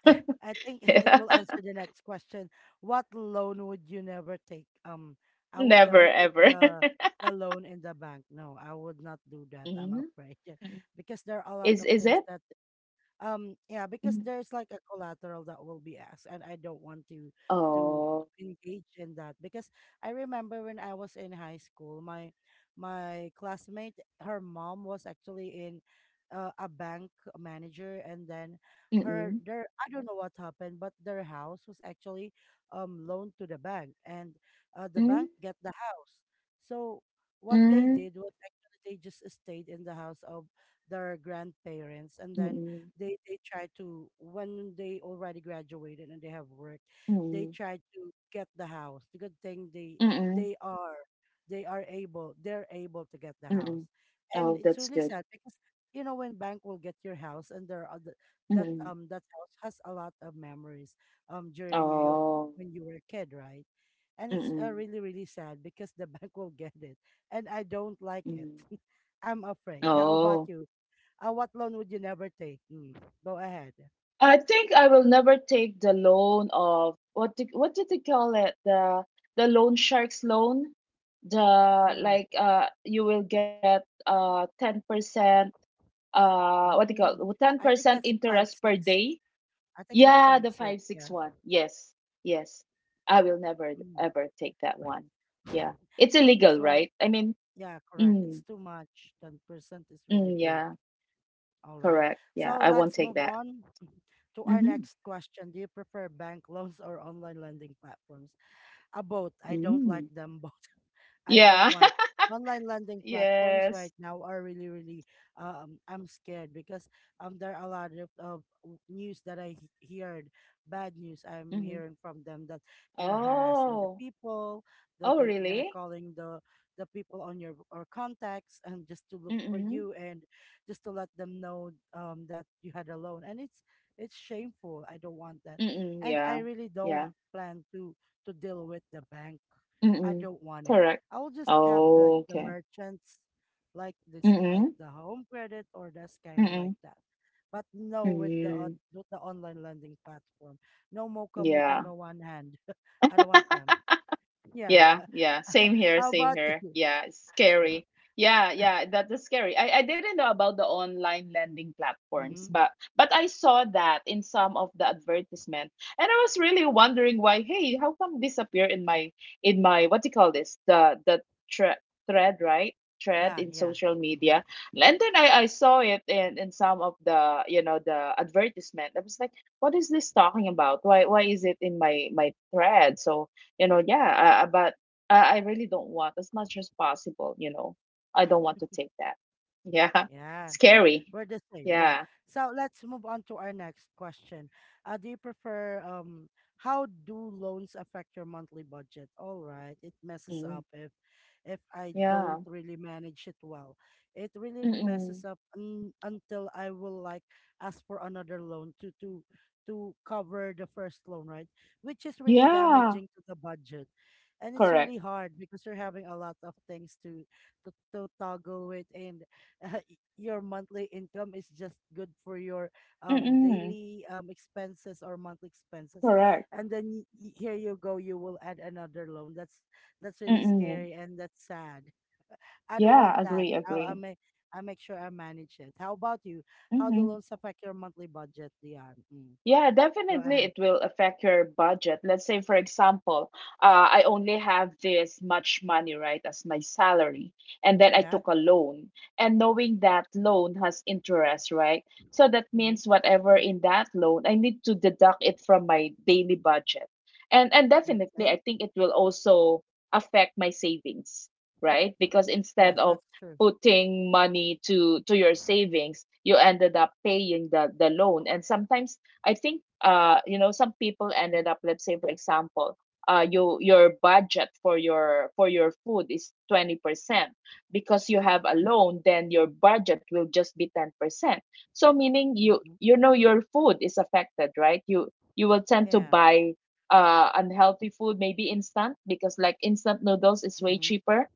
I think it will answer the next question. What loan would you never take? I would Never never take ever. The loan in the bank. No, I would not do that. I'm Hmm. afraid because there are a lot Is of is things it? that yeah, because Mhm. there's like a collateral that will be asked, and I don't want to to Oh. engage in that because I remember when I was in high school, my classmate, her mom was actually in a bank manager, and then her their, I don't know what happened, but their house was actually loaned to the bank, and the Hmm, bank get the house. So what they hmm, did was actually they just stayed in the house of their grandparents, and then mm, they try to when they already graduated and they have work, they mm, try to get the house. The good thing mm, mm. they are they're able to get the house, Mm. and Oh, it's that's really good. sad because, you know, when bank will get your house, and there are the, that Mm. That house has a lot of memories during you Oh, when you were a kid, right? And mm, it's mm. really really sad because the bank will get it, and I don't like it. Mm. I'm afraid. How about Oh, you? What loan would you never take? Go ahead. I think I will never take the loan of, what did, they call it? The loan sharks loan. The Mm, Like you will get 10%, what do you mm. call, I think 10% that's five interest per six. day. Yeah, the Yeah. 561. Yes. Yes. I will never Mm. ever take that one. Yeah. It's That's illegal, why. right? I mean, Yeah, correct. It's mm, too much. 10% is really mm, big. yeah, All right. correct. Yeah, So I won't let's take move that. on to our Mm-hmm. next question. Do you prefer bank loans or online lending platforms? Both. I don't like Mm. them both. I don't Yeah. want Online lending platforms Yes. right now are really, really. I'm scared because there are a lot of, news that I heard, bad news I'm Mm-hmm. hearing from them that they are harassing the Oh. people, that Oh, they are really? calling the people on your or contacts, and just to look for Mm-mm. you, and just to let them know that you had a loan, and it's shameful. I don't want that, Mm-mm. and I Yeah. really don't Yeah. plan to deal with the bank. I Mm-mm. don't want it. Correct. I will just have like Oh, the okay. merchants, like this, like Mm-mm. the Home Credit or the Skyro, Mm-mm. like that. But no, Mm. With the online lending platform, no Mocha Mocha, Yeah. no One Hand. I don't want them. Yeah. Yeah, yeah. Same here, How same about here. you? Yeah, it's scary. Yeah, yeah, that is scary. I didn't know about the online lending platforms, Hmm. but I saw that in some of the advertisement. And I was really wondering why, hey, how come this appear in my, what do you call this? The thre- thread, right? Thread Yeah, in yeah. social Hmm. media. And then I saw it in, some of the the advertisement. I was like, what is this talking about? Why is it in my thread? So, yeah, but I really don't want, as much as possible, I don't want to take that. Yeah. Yeah. Scary. We're the same, yeah. Yeah. So let's move on to our next question. Do you prefer How do loans affect your monthly budget? All right, it messes Mm. up if I Yeah. don't really manage it well. It really messes Mm-mm. up un until I will like ask for another loan to to cover the first loan, right? Which is really Yeah, damaging to the budget. And it's correct. really hard because you're having a lot of things to toggle with, and uh, your monthly income is just good for your Mm-mm. daily expenses or monthly expenses, Correct. and then here you go, you will add another loan. That's really Mm-mm. scary, and that's sad. I don't want Yeah, that. agree, i i agree. make I make sure I manage it. How about you? How the Mm-hmm. loans affect your monthly budget, Dion? Mm. Yeah, Go definitely ahead. it will affect your budget. Let's say, for example, I only have this much money, right, as my salary, and then I Yeah. took a loan. And knowing that loan has interest, right? So that Mm-hmm. means whatever in that loan, I need to deduct it from my daily budget. And definitely Okay. I think it will also affect my savings, right? Because instead Yes, of that's true. putting money to your savings, you ended up paying the loan. And sometimes I think, some people ended up, let's say for example, your budget for your food is 20%, because you have a loan, then your budget will just be 10%. So meaning, Mm-hmm. you know, your food is affected, right? You will tend to Yeah. buy unhealthy food, maybe instant, because like instant noodles is way Mm-hmm. cheaper,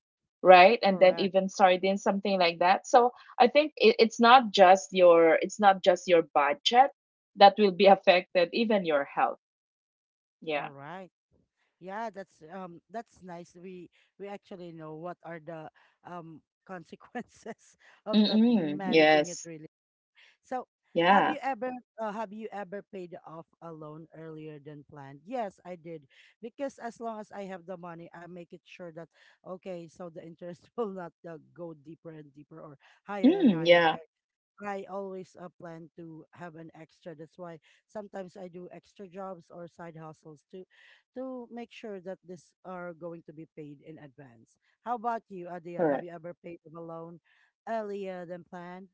right. And then Correct. even sardines, something like that. So I think it's not just your budget that will be affected, even your health. Yeah. All right. Yeah, that's nice. We actually know what are the um consequences of not Mm-mm. managing it Yes. really. So, have Yeah. you ever have you ever paid off a loan earlier than planned? Yes, I did. Because as long as I have the money, I make it sure that okay, so the interest will not go deeper and deeper, or higher and Mm, higher. Yeah. I always plan to have an extra. That's why sometimes I do extra jobs or side hustles to make sure that this are going to be paid in advance. How about you, Adian? Have you Correct. ever paid of a loan earlier than planned?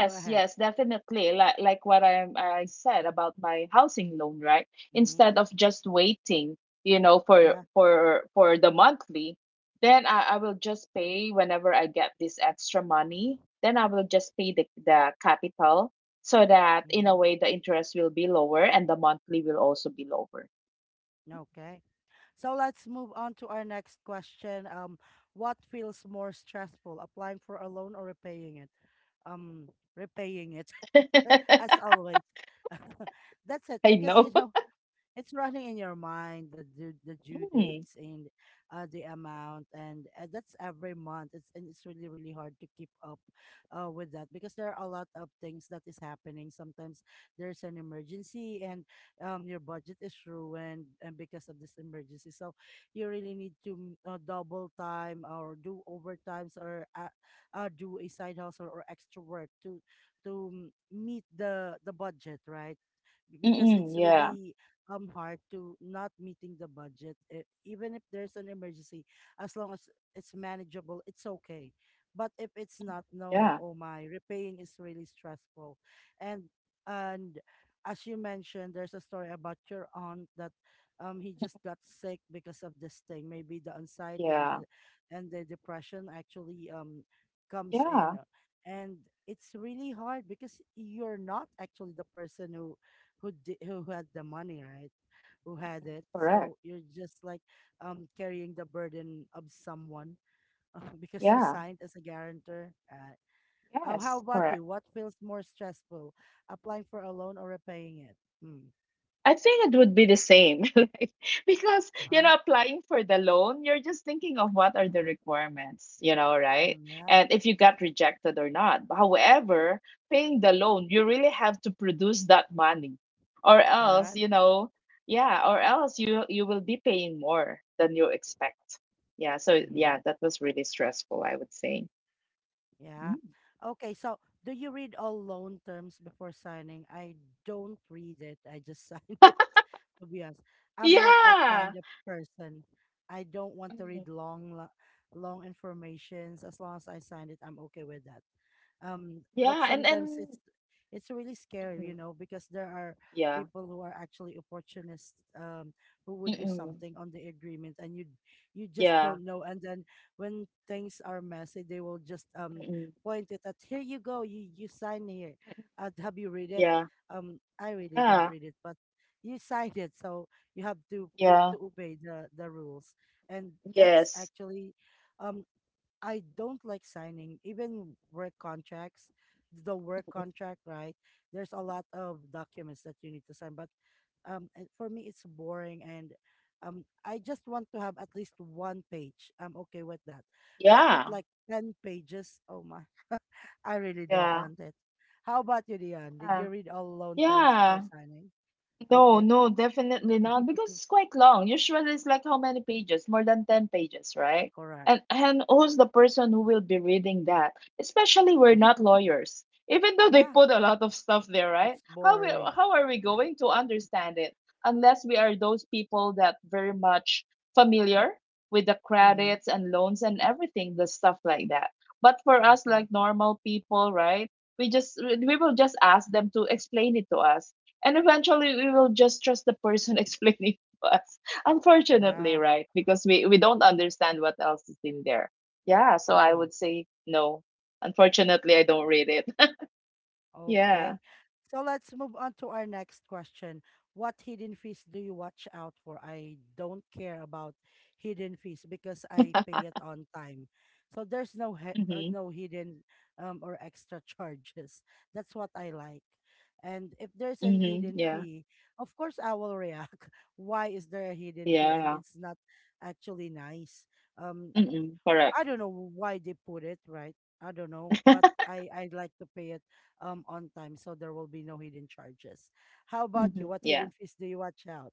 Go ahead. yes, definitely. Like what I said about my housing loan, right? Mm-hmm. Instead of just waiting, for Yeah. The monthly, then I will just pay whenever I get this extra money. Then I will just pay the capital so that in a Mm-hmm. way the interest will be lower and the monthly will also be lower. Okay. So let's move on to our next question. What feels more stressful, applying for a loan or repaying it? Um, Repaying it, as always. That's it, I because know. you know, it's running in your mind the due dates and the amount, and that's every month it's really really hard to keep up with that, because there are a lot of things that is happening. Sometimes there's an emergency and your budget is ruined, and because of this emergency, so you really need to double time or do overtimes, or do a side hustle or extra work to meet the budget, right? Because Mm-mm, it's yeah, really hard to not meeting the budget, even if there's an emergency. As long as it's manageable, it's okay, but if it's not, no, yeah, oh my, repaying is really stressful. And and as you mentioned, there's a story about your aunt, that he just got sick because of this thing, maybe the anxiety, yeah, and the depression actually comes in. yeah, And it's really hard because you're not actually the person who did, who had the money, right? Who mm, had it. correct. So you're just like carrying the burden of someone, because you Yeah, signed as a guarantor. Oh, yes, how about correct. you? What feels more stressful, applying for a loan or repaying it? Mm. I think it would be the same, like, because Uh-huh. Applying for the loan, you're just thinking of what are the requirements, right? Mm, yeah, And if you got rejected or not. However, paying the loan, you really have to produce that money, or else, correct. Yeah, or else you will be paying more than you expect. Yeah, so Mm-hmm. yeah, that was really stressful, I would say. Yeah. Mm-hmm. Okay, so do you read all loan terms before signing? I don't read it. I just sign it, to be honest. I'm not that Yeah. kind of person. I don't want to Mm. read long informations. As long as I sign it, I'm okay with that, but Yeah, sometimes and it's really scary, you mm, know, because there are yeah. people who are actually opportunists, who would do Mm-mm. something on the agreement, and you just Yeah. don't know, and then when things are messy, they will just Mm-mm. point it at, here you go, you sign here. Mm-mm. Have you read it? Yeah. I really don't Yeah. read it, but you signed it, so you have to do Yeah. to obey the rules, and that's Yes. actually um I don't like signing even work contracts. The work contract, right? There's a lot of documents that you need to sign, but and for me, it's boring, and I just want to have at least one page. I'm okay with that, but with Yeah. like ten pages, oh my, I really don't Yeah. want it. How about you, Dion? Did Yeah. you read all loan terms before Yeah. signing? No, Okay, no, definitely not because it's quite long. Usually it's like how many pages? More than 10 pages, right? correct. And who's the person who will be reading that? Especially we're not lawyers. Even though they Yeah, put a lot of stuff there, right? it's boring. How are we going to understand it unless we are those people that very much familiar with the Mm-hmm. credits and loans and everything, the stuff like that. But for us Okay. like normal people, right? We will just ask them to explain it to us and eventually we will just trust the person explaining to us. Unfortunately, Yeah. right? Because we don't understand what else is in there. Yeah, so I Mm. would say no. Unfortunately, I don't read it. Yeah. Okay. So let's move on to our next question. What hidden fees do you watch out for? I don't care about hidden fees because I pay it on time. So there's no he Mm-hmm. no hidden or extra charges. That's what I like. And if there's an Mm-hmm. hidden Yeah. fee, of course I will react. Why is there a hidden fee, and Yeah. it's not actually nice? Um, Mm-mm. I Correct. don't know why they put it, right? I don't know, but I like to pay it on time, so there will be no hidden charges. How about Mm-hmm. you? What Yeah. hidden fees do you watch out?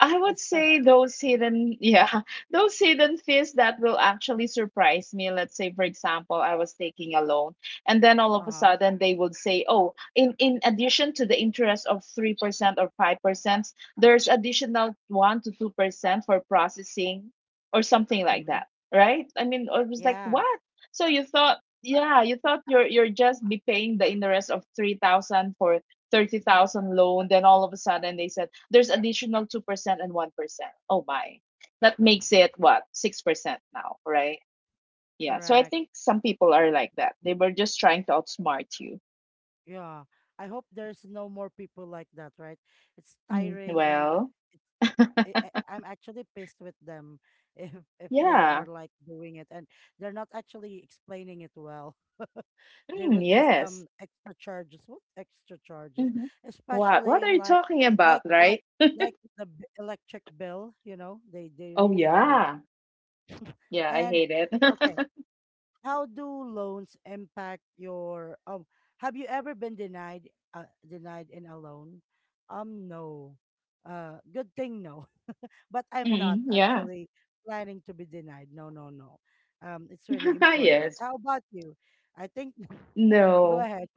I would say Especially, those hidden, yeah, those hidden fees that will actually surprise me. Let's say, for example, I was taking a loan, and then all uh of a huh, sudden they would say, "Oh, in addition to the interest of 3% or 5%, there's additional 1 to 2% for processing, or something like mm-hmm, that." Right? I mean, I was like, yeah, "What?" So you thought, yeah, you thought you're just be paying the interest of 3,000 for 30,000 loan, then all of a sudden they said there's additional 2% and 1%. Oh my. That makes it what? 6% now, right? Yeah. So I correct, think some people are like that. They were just trying to outsmart you. yeah. I hope there's no more people like that, right? It's Mm, tiring, and well, it's I'm actually pissed with them if if they yeah. are like doing it, and they're not actually explaining it well. They will just Yes. Extra charges. What extra charges? Hmm. What? Especially What are in you talking about, like like right? like the electric bill, you know, they Oh, really do it. yeah. Yeah, I And hate it. okay, how do loans impact your have you ever been denied in a loan? No. Uh, good thing, no, but I'm not Mm, yeah. actually planning to be denied. No, no, no. It's really important. Yes. How about you? I think go No. ahead.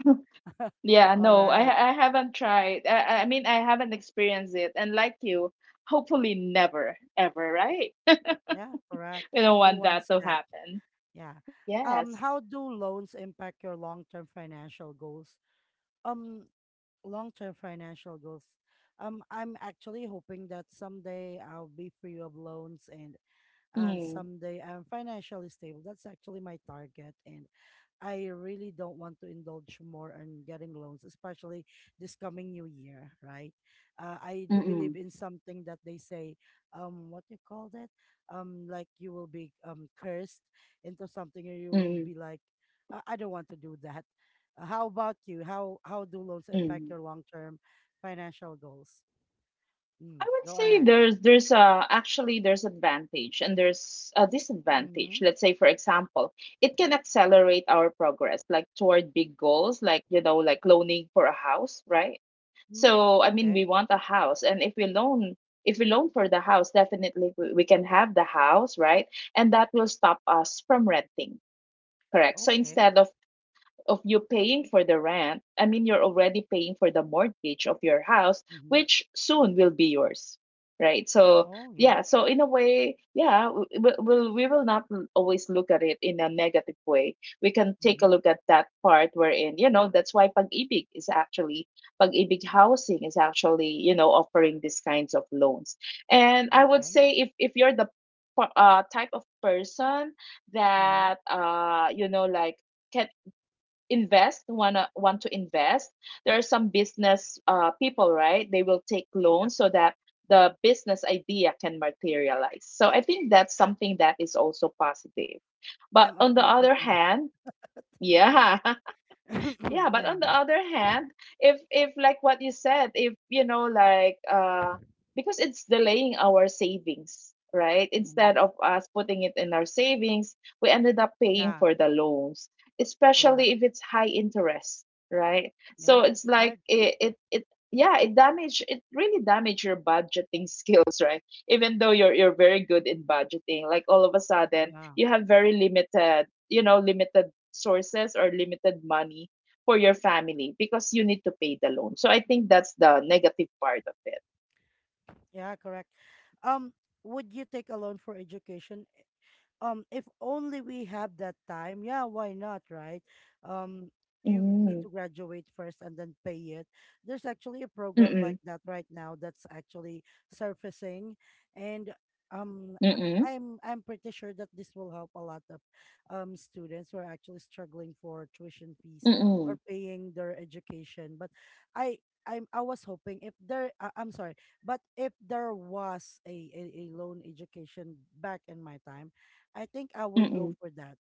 Yeah, All no. right. I haven't tried. I mean, I haven't experienced it and like you, hopefully never ever, right? Yeah, correct. We don't Who want that wants to that? happen. Yeah. Yes. How do loans impact your long-term financial goals? Um, Long-term financial goals. I'm actually hoping that someday I'll be free of loans, and Mm, someday I'm financially stable. That's actually my target, and I really don't want to indulge more on getting loans, especially this coming new year, right? I do mm-mm, believe in something that they say, what you call that? Like you will be cursed into something, or you will mm, be like, I don't want to do that. How about you? How do loans mm. impact your long term financial goals? I Mm, would go say ahead. There's actually there's advantage and there's a disadvantage. Mm-hmm. Let's say, for example, it can accelerate our progress like toward big goals, like, you know, like loaning for a house, right? Hmm. So I mean Okay. we want a house, and if we loan for the house, definitely we can have the house, right? And that will stop us from renting. Correct. So Okay. instead of you paying for the rent, I mean, you're already paying for the mortgage of your house, Mm-hmm. which soon will be yours, right? So, Oh yeah. yeah, so in a way, yeah, we will not always look at it in a negative way. We can take a Mm-hmm. look at that part wherein, you know, that's why Pag-ibig is actually, Pag-ibig housing is actually, you know, offering these kinds of loans. And I would Okay. say if you're the type of person Mm-hmm. that, you know, like, can invest wanna want to invest. There are some business people, right? They will take loans so that the business idea can materialize, so I think that's something that is also positive. But I'm on the afraid to other do hand, that. yeah. Okay. Yeah, but Yeah. on the other hand, if like what you said, if you know, like, because it's delaying our savings, right? Instead Hmm. of us putting it in our savings, we ended up paying Yeah, for the loans, correct. especially if it's high interest, right? So Yeah, it's it's like hard. It, yeah, it really damage your budgeting skills, right? Even though you're very good in budgeting, like all of a sudden Yeah. you have very limited, you know, limited sources or limited money for your family because you need to pay the loan. So I think that's the negative part of it. Yeah, correct. Um, would you take a loan for education? If only we have that time, yeah, why not, right? um you Mm. need to graduate first, and then pay it. There's actually a program like Mm-mm. that right now, that's actually surfacing, and Mm-mm. I'm pretty sure that this will help a lot of students who are actually struggling for tuition fees, or Mm-mm. paying their education, but I was hoping if there I'm sorry, but if there was a loan education back in my time, I think I would go Mm-mm. for that,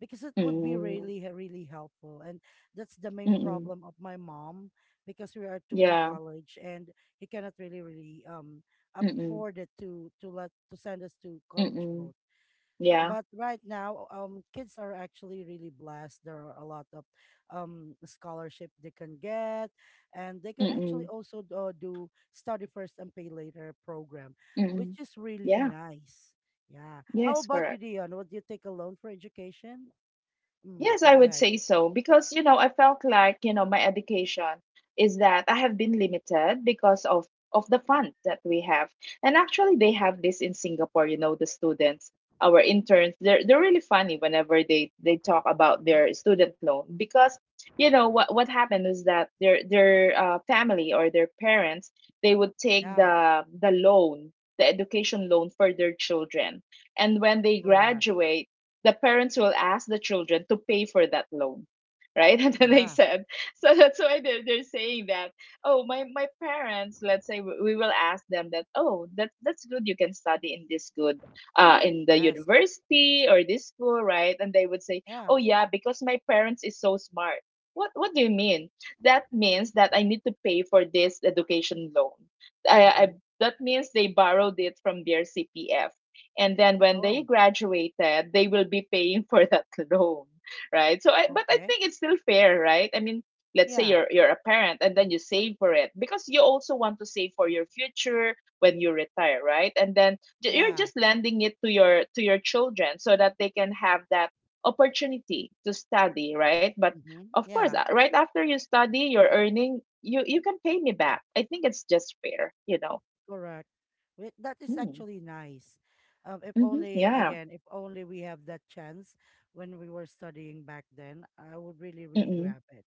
because it would be Mm-mm. really, really helpful. And that's the main Mm-mm. problem of my mom, because we are two in Yeah. college, and he cannot really, really Mm-mm. afford it to send us to college Mm-mm. both. Yeah. But right now, kids are actually really blessed. There are a lot of scholarship they can get, and they can actually Mm-mm. also do study first and pay later program, which Mm-mm. is really Yeah. nice. Yeah. How Yes, about you, correct. Dion? Would you take a loan for education? Mm, Yes, I go would ahead. say so because, you know, I felt like, you know, my education is that I have been limited because of the fund that we have. And actually they have this in Singapore. You know, the students, our interns, they're really funny whenever they talk about Mhm. their student loan, because, you know, what happened is that their family or their parents, they would take Yeah. The loan, the education loan for their children. And when they Correct. graduate, the parents will ask the children to pay for that loan, right? And then they Yeah. said, so that's why they're saying that, oh, my parents. Let's say we will ask them that, oh, that's good, you can study in this good in the Yes. university or this school, right? And they would say, Yeah. oh, yeah, because my parents is so smart. What do you mean? That means that I need to pay for this education loan. I, Hmm. that means they borrowed it from their CPF, and then when they Oh. graduated they will be paying for that loan, right? So but I Okay. think it's still fair, right? I mean, let's say Yeah. You're a parent and then you save for it because you also want to save for your future when you retire, right? And then, you're Yeah. just lending it to your children so that they can have that opportunity to study, right? But Hmm. of course, Yeah. Right after you study you're earning, you can pay me back. I think it's just fair, you know. Correct. Wait, that is Mm. actually nice. If Hmm. only, Yeah. again, if only we have that chance when we were studying back then, I would really, really Mm-mm. grab it.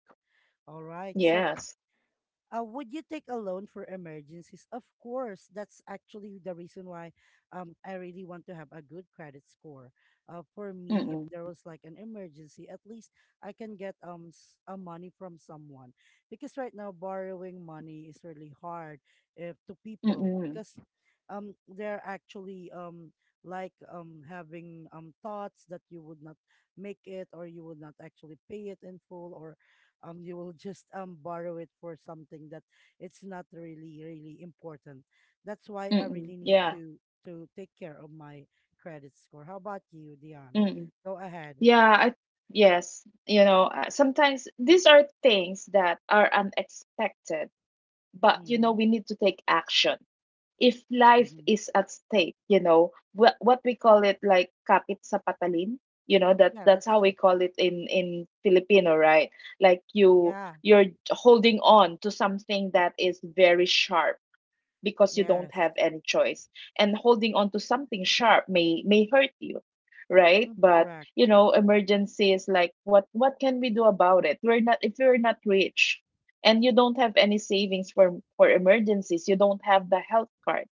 All right. So Yes. uh, would you take a loan for emergencies? Of course, that's actually the reason why I really want to have a good credit score. For me, if Mm, there was like an emergency, at least I can get a money from someone because right now borrowing money is really hard if to people mm, because they're actually like having thoughts that you would not make it or you would not actually pay it in full or you will just borrow it for something that it's not really really important. That's why I mm, really need yeah, to take care of my credit score. How about you, Dion? mm, Go ahead. yeah, yes, you know, sometimes these are things that are unexpected, but you know, Mm-hmm, we need to take action. If life mm-hmm. is at stake, you know, what we call it, like kapit sa patalim, you know, that Yeah, that's that's how we true. call it in Filipino, right? Like Yeah, you're holding on to something that is very sharp because you don't yes. have any choice, and holding on to something sharp may hurt you, right? Mm, But, correct. you know, emergencies, like, what can we do about it? We're not If we're not rich and you don't have any savings for emergencies, you don't have the health card,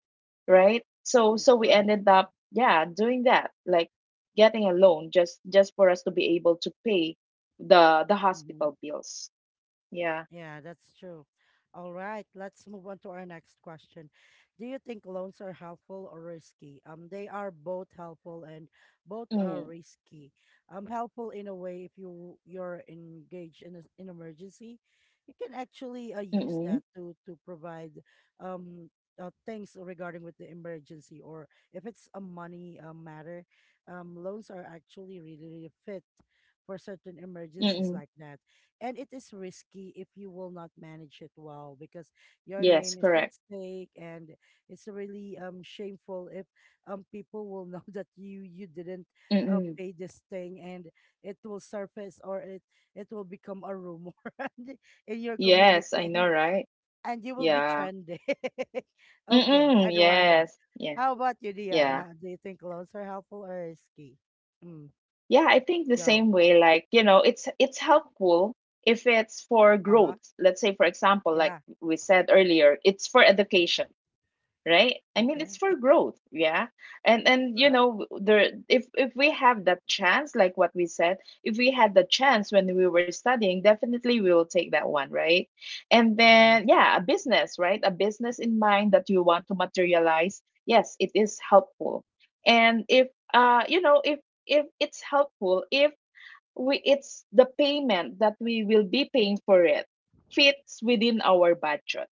right? So Mm, we correct. ended up, yeah, doing that, like getting a loan just for us to be able to pay the Mm-hmm. hospital bills. Yeah. Yeah, that's true. All right, let's move on to our next question. Do you think loans are helpful or risky? They are both helpful and both are Mm. risky. Helpful in a way if you're engaged in a- an emergency, you can actually use Mm. that to provide um things regarding with the emergency or if it's a money matter, loans are actually really, really fit for certain emergencies Mm. like that. And it is risky if you will not manage it well because your Yes, name is at correct. stake, and it's really shameful if people will know that you didn't Mm. pay this thing, and it will surface, or it will become a rumor and- in your Yes, community. I know, and right? and you will be Yeah. trending. Okay, Mm-mm, I don't want that. yes. Yeah. How about you, Dion? Yeah. How do you think loans are helpful or risky? Mm, Yeah, I think the go. same way, like, you know, it's helpful if it's for Uh-huh. growth. Let's say, for example, like Yeah. we said earlier, it's for education. Right, I mean Okay. it's for Yeah. growth, yeah. And you Correct. know, there if we have that chance, like what we said, if we had the chance when we were studying, definitely we will take that one, right? And Yeah. then, yeah, a business, right? A business in mind that you want to materialize, yes, it is helpful. And if you know, if it's helpful, if we it's the payment that we will be paying for it fits within our budget,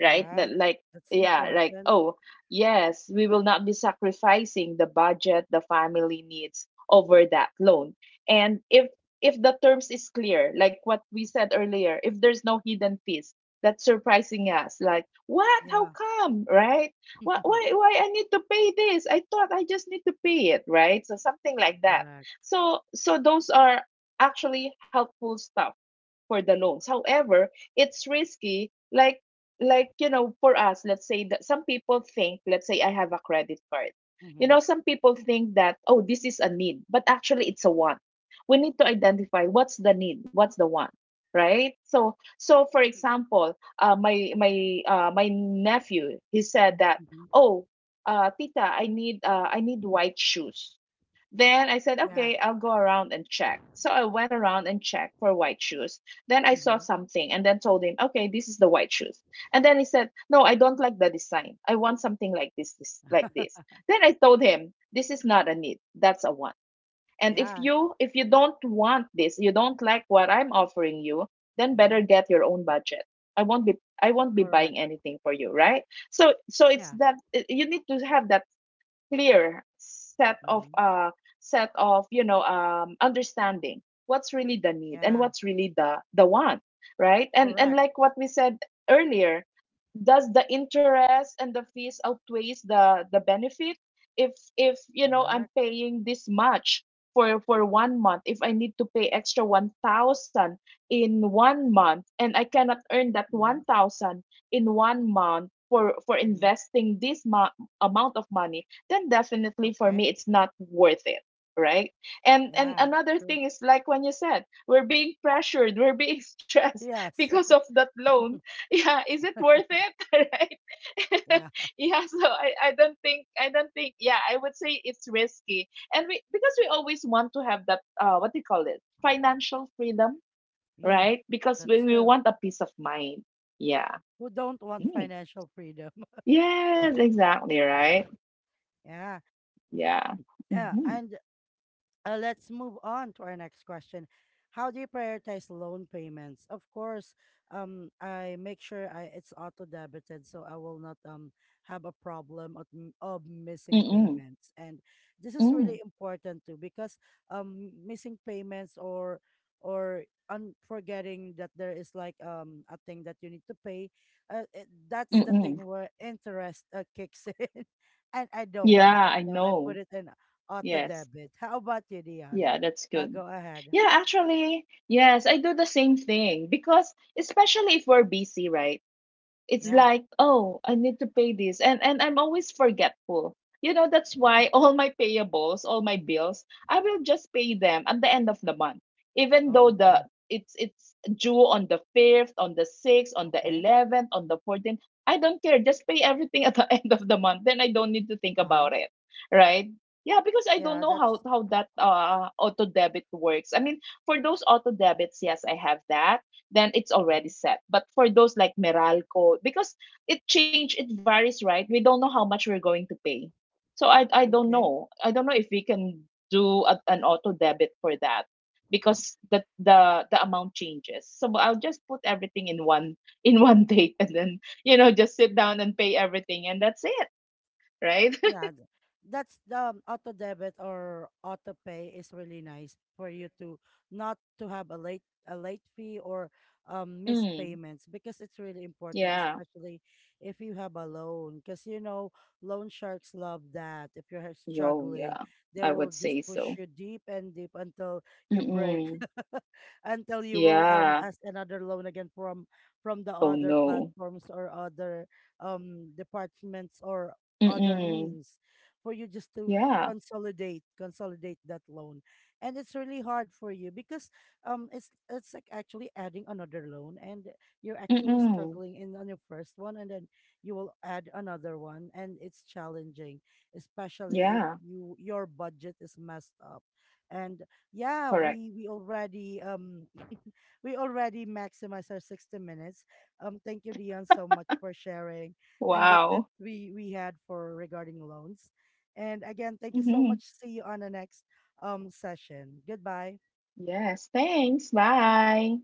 right? That, like, That's yeah, like, important. oh, yes, we will not be sacrificing the budget the family needs over that loan. And if the terms is clear, like what we said earlier, if there's no hidden fees, that's surprising us. Like, what? How Yeah. come? Right? Why I need to pay this? I thought I just need to pay it, right? So something like that. Correct. So those are actually helpful stuff for the loans. However, it's risky, like you know, for us. Let's say that some people think, let's say I have a credit card. You Mm-hmm. know, some people think that, oh, this is a need, but actually it's a want. We need to identify what's the need, what's the want, right? So for example, my nephew, he said that, Mm-hmm. oh, tita I need I need white shoes. Then I said, Yeah. okay, I'll go around and check. So I went around and checked for white shoes. Then I saw Mm-hmm. something and then told him, okay, this is the white shoes. And then he said, no, I don't like the design. I want something like this like this. Then I told him, this is not a need. That's a want. And Yeah. If you don't want this, you don't like what I'm offering you, then Mm-hmm. better get your own budget. I won't be I won't be Correct. buying anything for you, right? So Yeah. it's that you need to have that clear set Mm-hmm. of set of, you know, understanding what's really the need and Yeah. what's really the want, right? and Correct. and like what we said earlier, does the interest and the fees outweighs the benefit? If you know, Correct. I'm paying this much for one month, if I need to pay extra 1000 in one month, and I cannot earn that Mm-hmm. 1000 in one month for Mm-hmm. investing this amount of money, then definitely for Okay. me it's not worth it, right? And Yeah. another True. thing is, like when you said we're being pressured, we're being stressed Yes. because of that loan, yeah, is it worth it? Right? Yeah. Yeah. So I don't think yeah, I would say it's risky. And we, because we always want to have that what do you call it financial freedom, Yeah. right? Because That's we true. want a peace of mind. Yeah. Who don't want Mm. financial freedom? Yes, exactly, right. Yeah. Yeah. Yeah. Mm-hmm. And let's move on to our next question. How do you prioritize loan payments? Of course, I make sure I it's auto debited, so I will not have a problem of, of missing payments. And this is really Mm, important too because missing payments or forgetting that there is like a thing that you need to pay, that's the mm-mm. thing where interest kicks in, and I don't Yeah, want that, I so I know. put it in auto Yes. debit. How about you, Dion? Yeah, that's good. Go ahead. Yeah, actually, yes, I do the same thing because especially if we're busy, right? It's Yeah. like, oh, I need to pay this, and I'm always forgetful, you know. That's why all my payables, all my bills, I will just pay them at the end of the month, even though Oh, the okay. It's due on the 5th, on the 6th, on the Okay. 11th, on the 14th. I don't care, just pay everything at the end of the month, then I don't need to think Uh huh. about it, right? Yeah, because I don't Yeah, know that's how that auto debit works. I mean, for those auto debits, yes, I have that, then it's mhm. already set. But for those like Meralco, because it varies, right? We don't know how much we're going to pay. So I don't Okay. know. I don't know if we can do a, an auto debit for that because the amount changes. So I'll just put everything in one in one date, and then, you know, just sit down and pay everything, and that's it, right? Yeah, that's the auto debit or auto pay is really nice for you to not to have a late fee or missed Mm, payments because it's really important, yeah. especially if you have a loan. Because you know, loan sharks love that. If you're Yo, struggling, yeah. they I will would just say push so. you deep and deep until you break, Mm-mm. until you will Yeah. ask another loan again from the Oh other no. platforms or other departments or other Mm-mm. means for you just to Yeah. Consolidate that loan. And it's really hard for you because it's like actually adding another loan, and you're actually Mm-mm. struggling in on your first one, and then you will add another one, and it's challenging, especially if Yeah, you your budget is messed up. And yeah, correct. We already we already maximize our 60 minutes. Thank you, Dion, so much for sharing and the Wow. tips we had for regarding loans. And again, thank you so Mm-hmm. much. See you on the next session. Goodbye. Yes, thanks. Bye.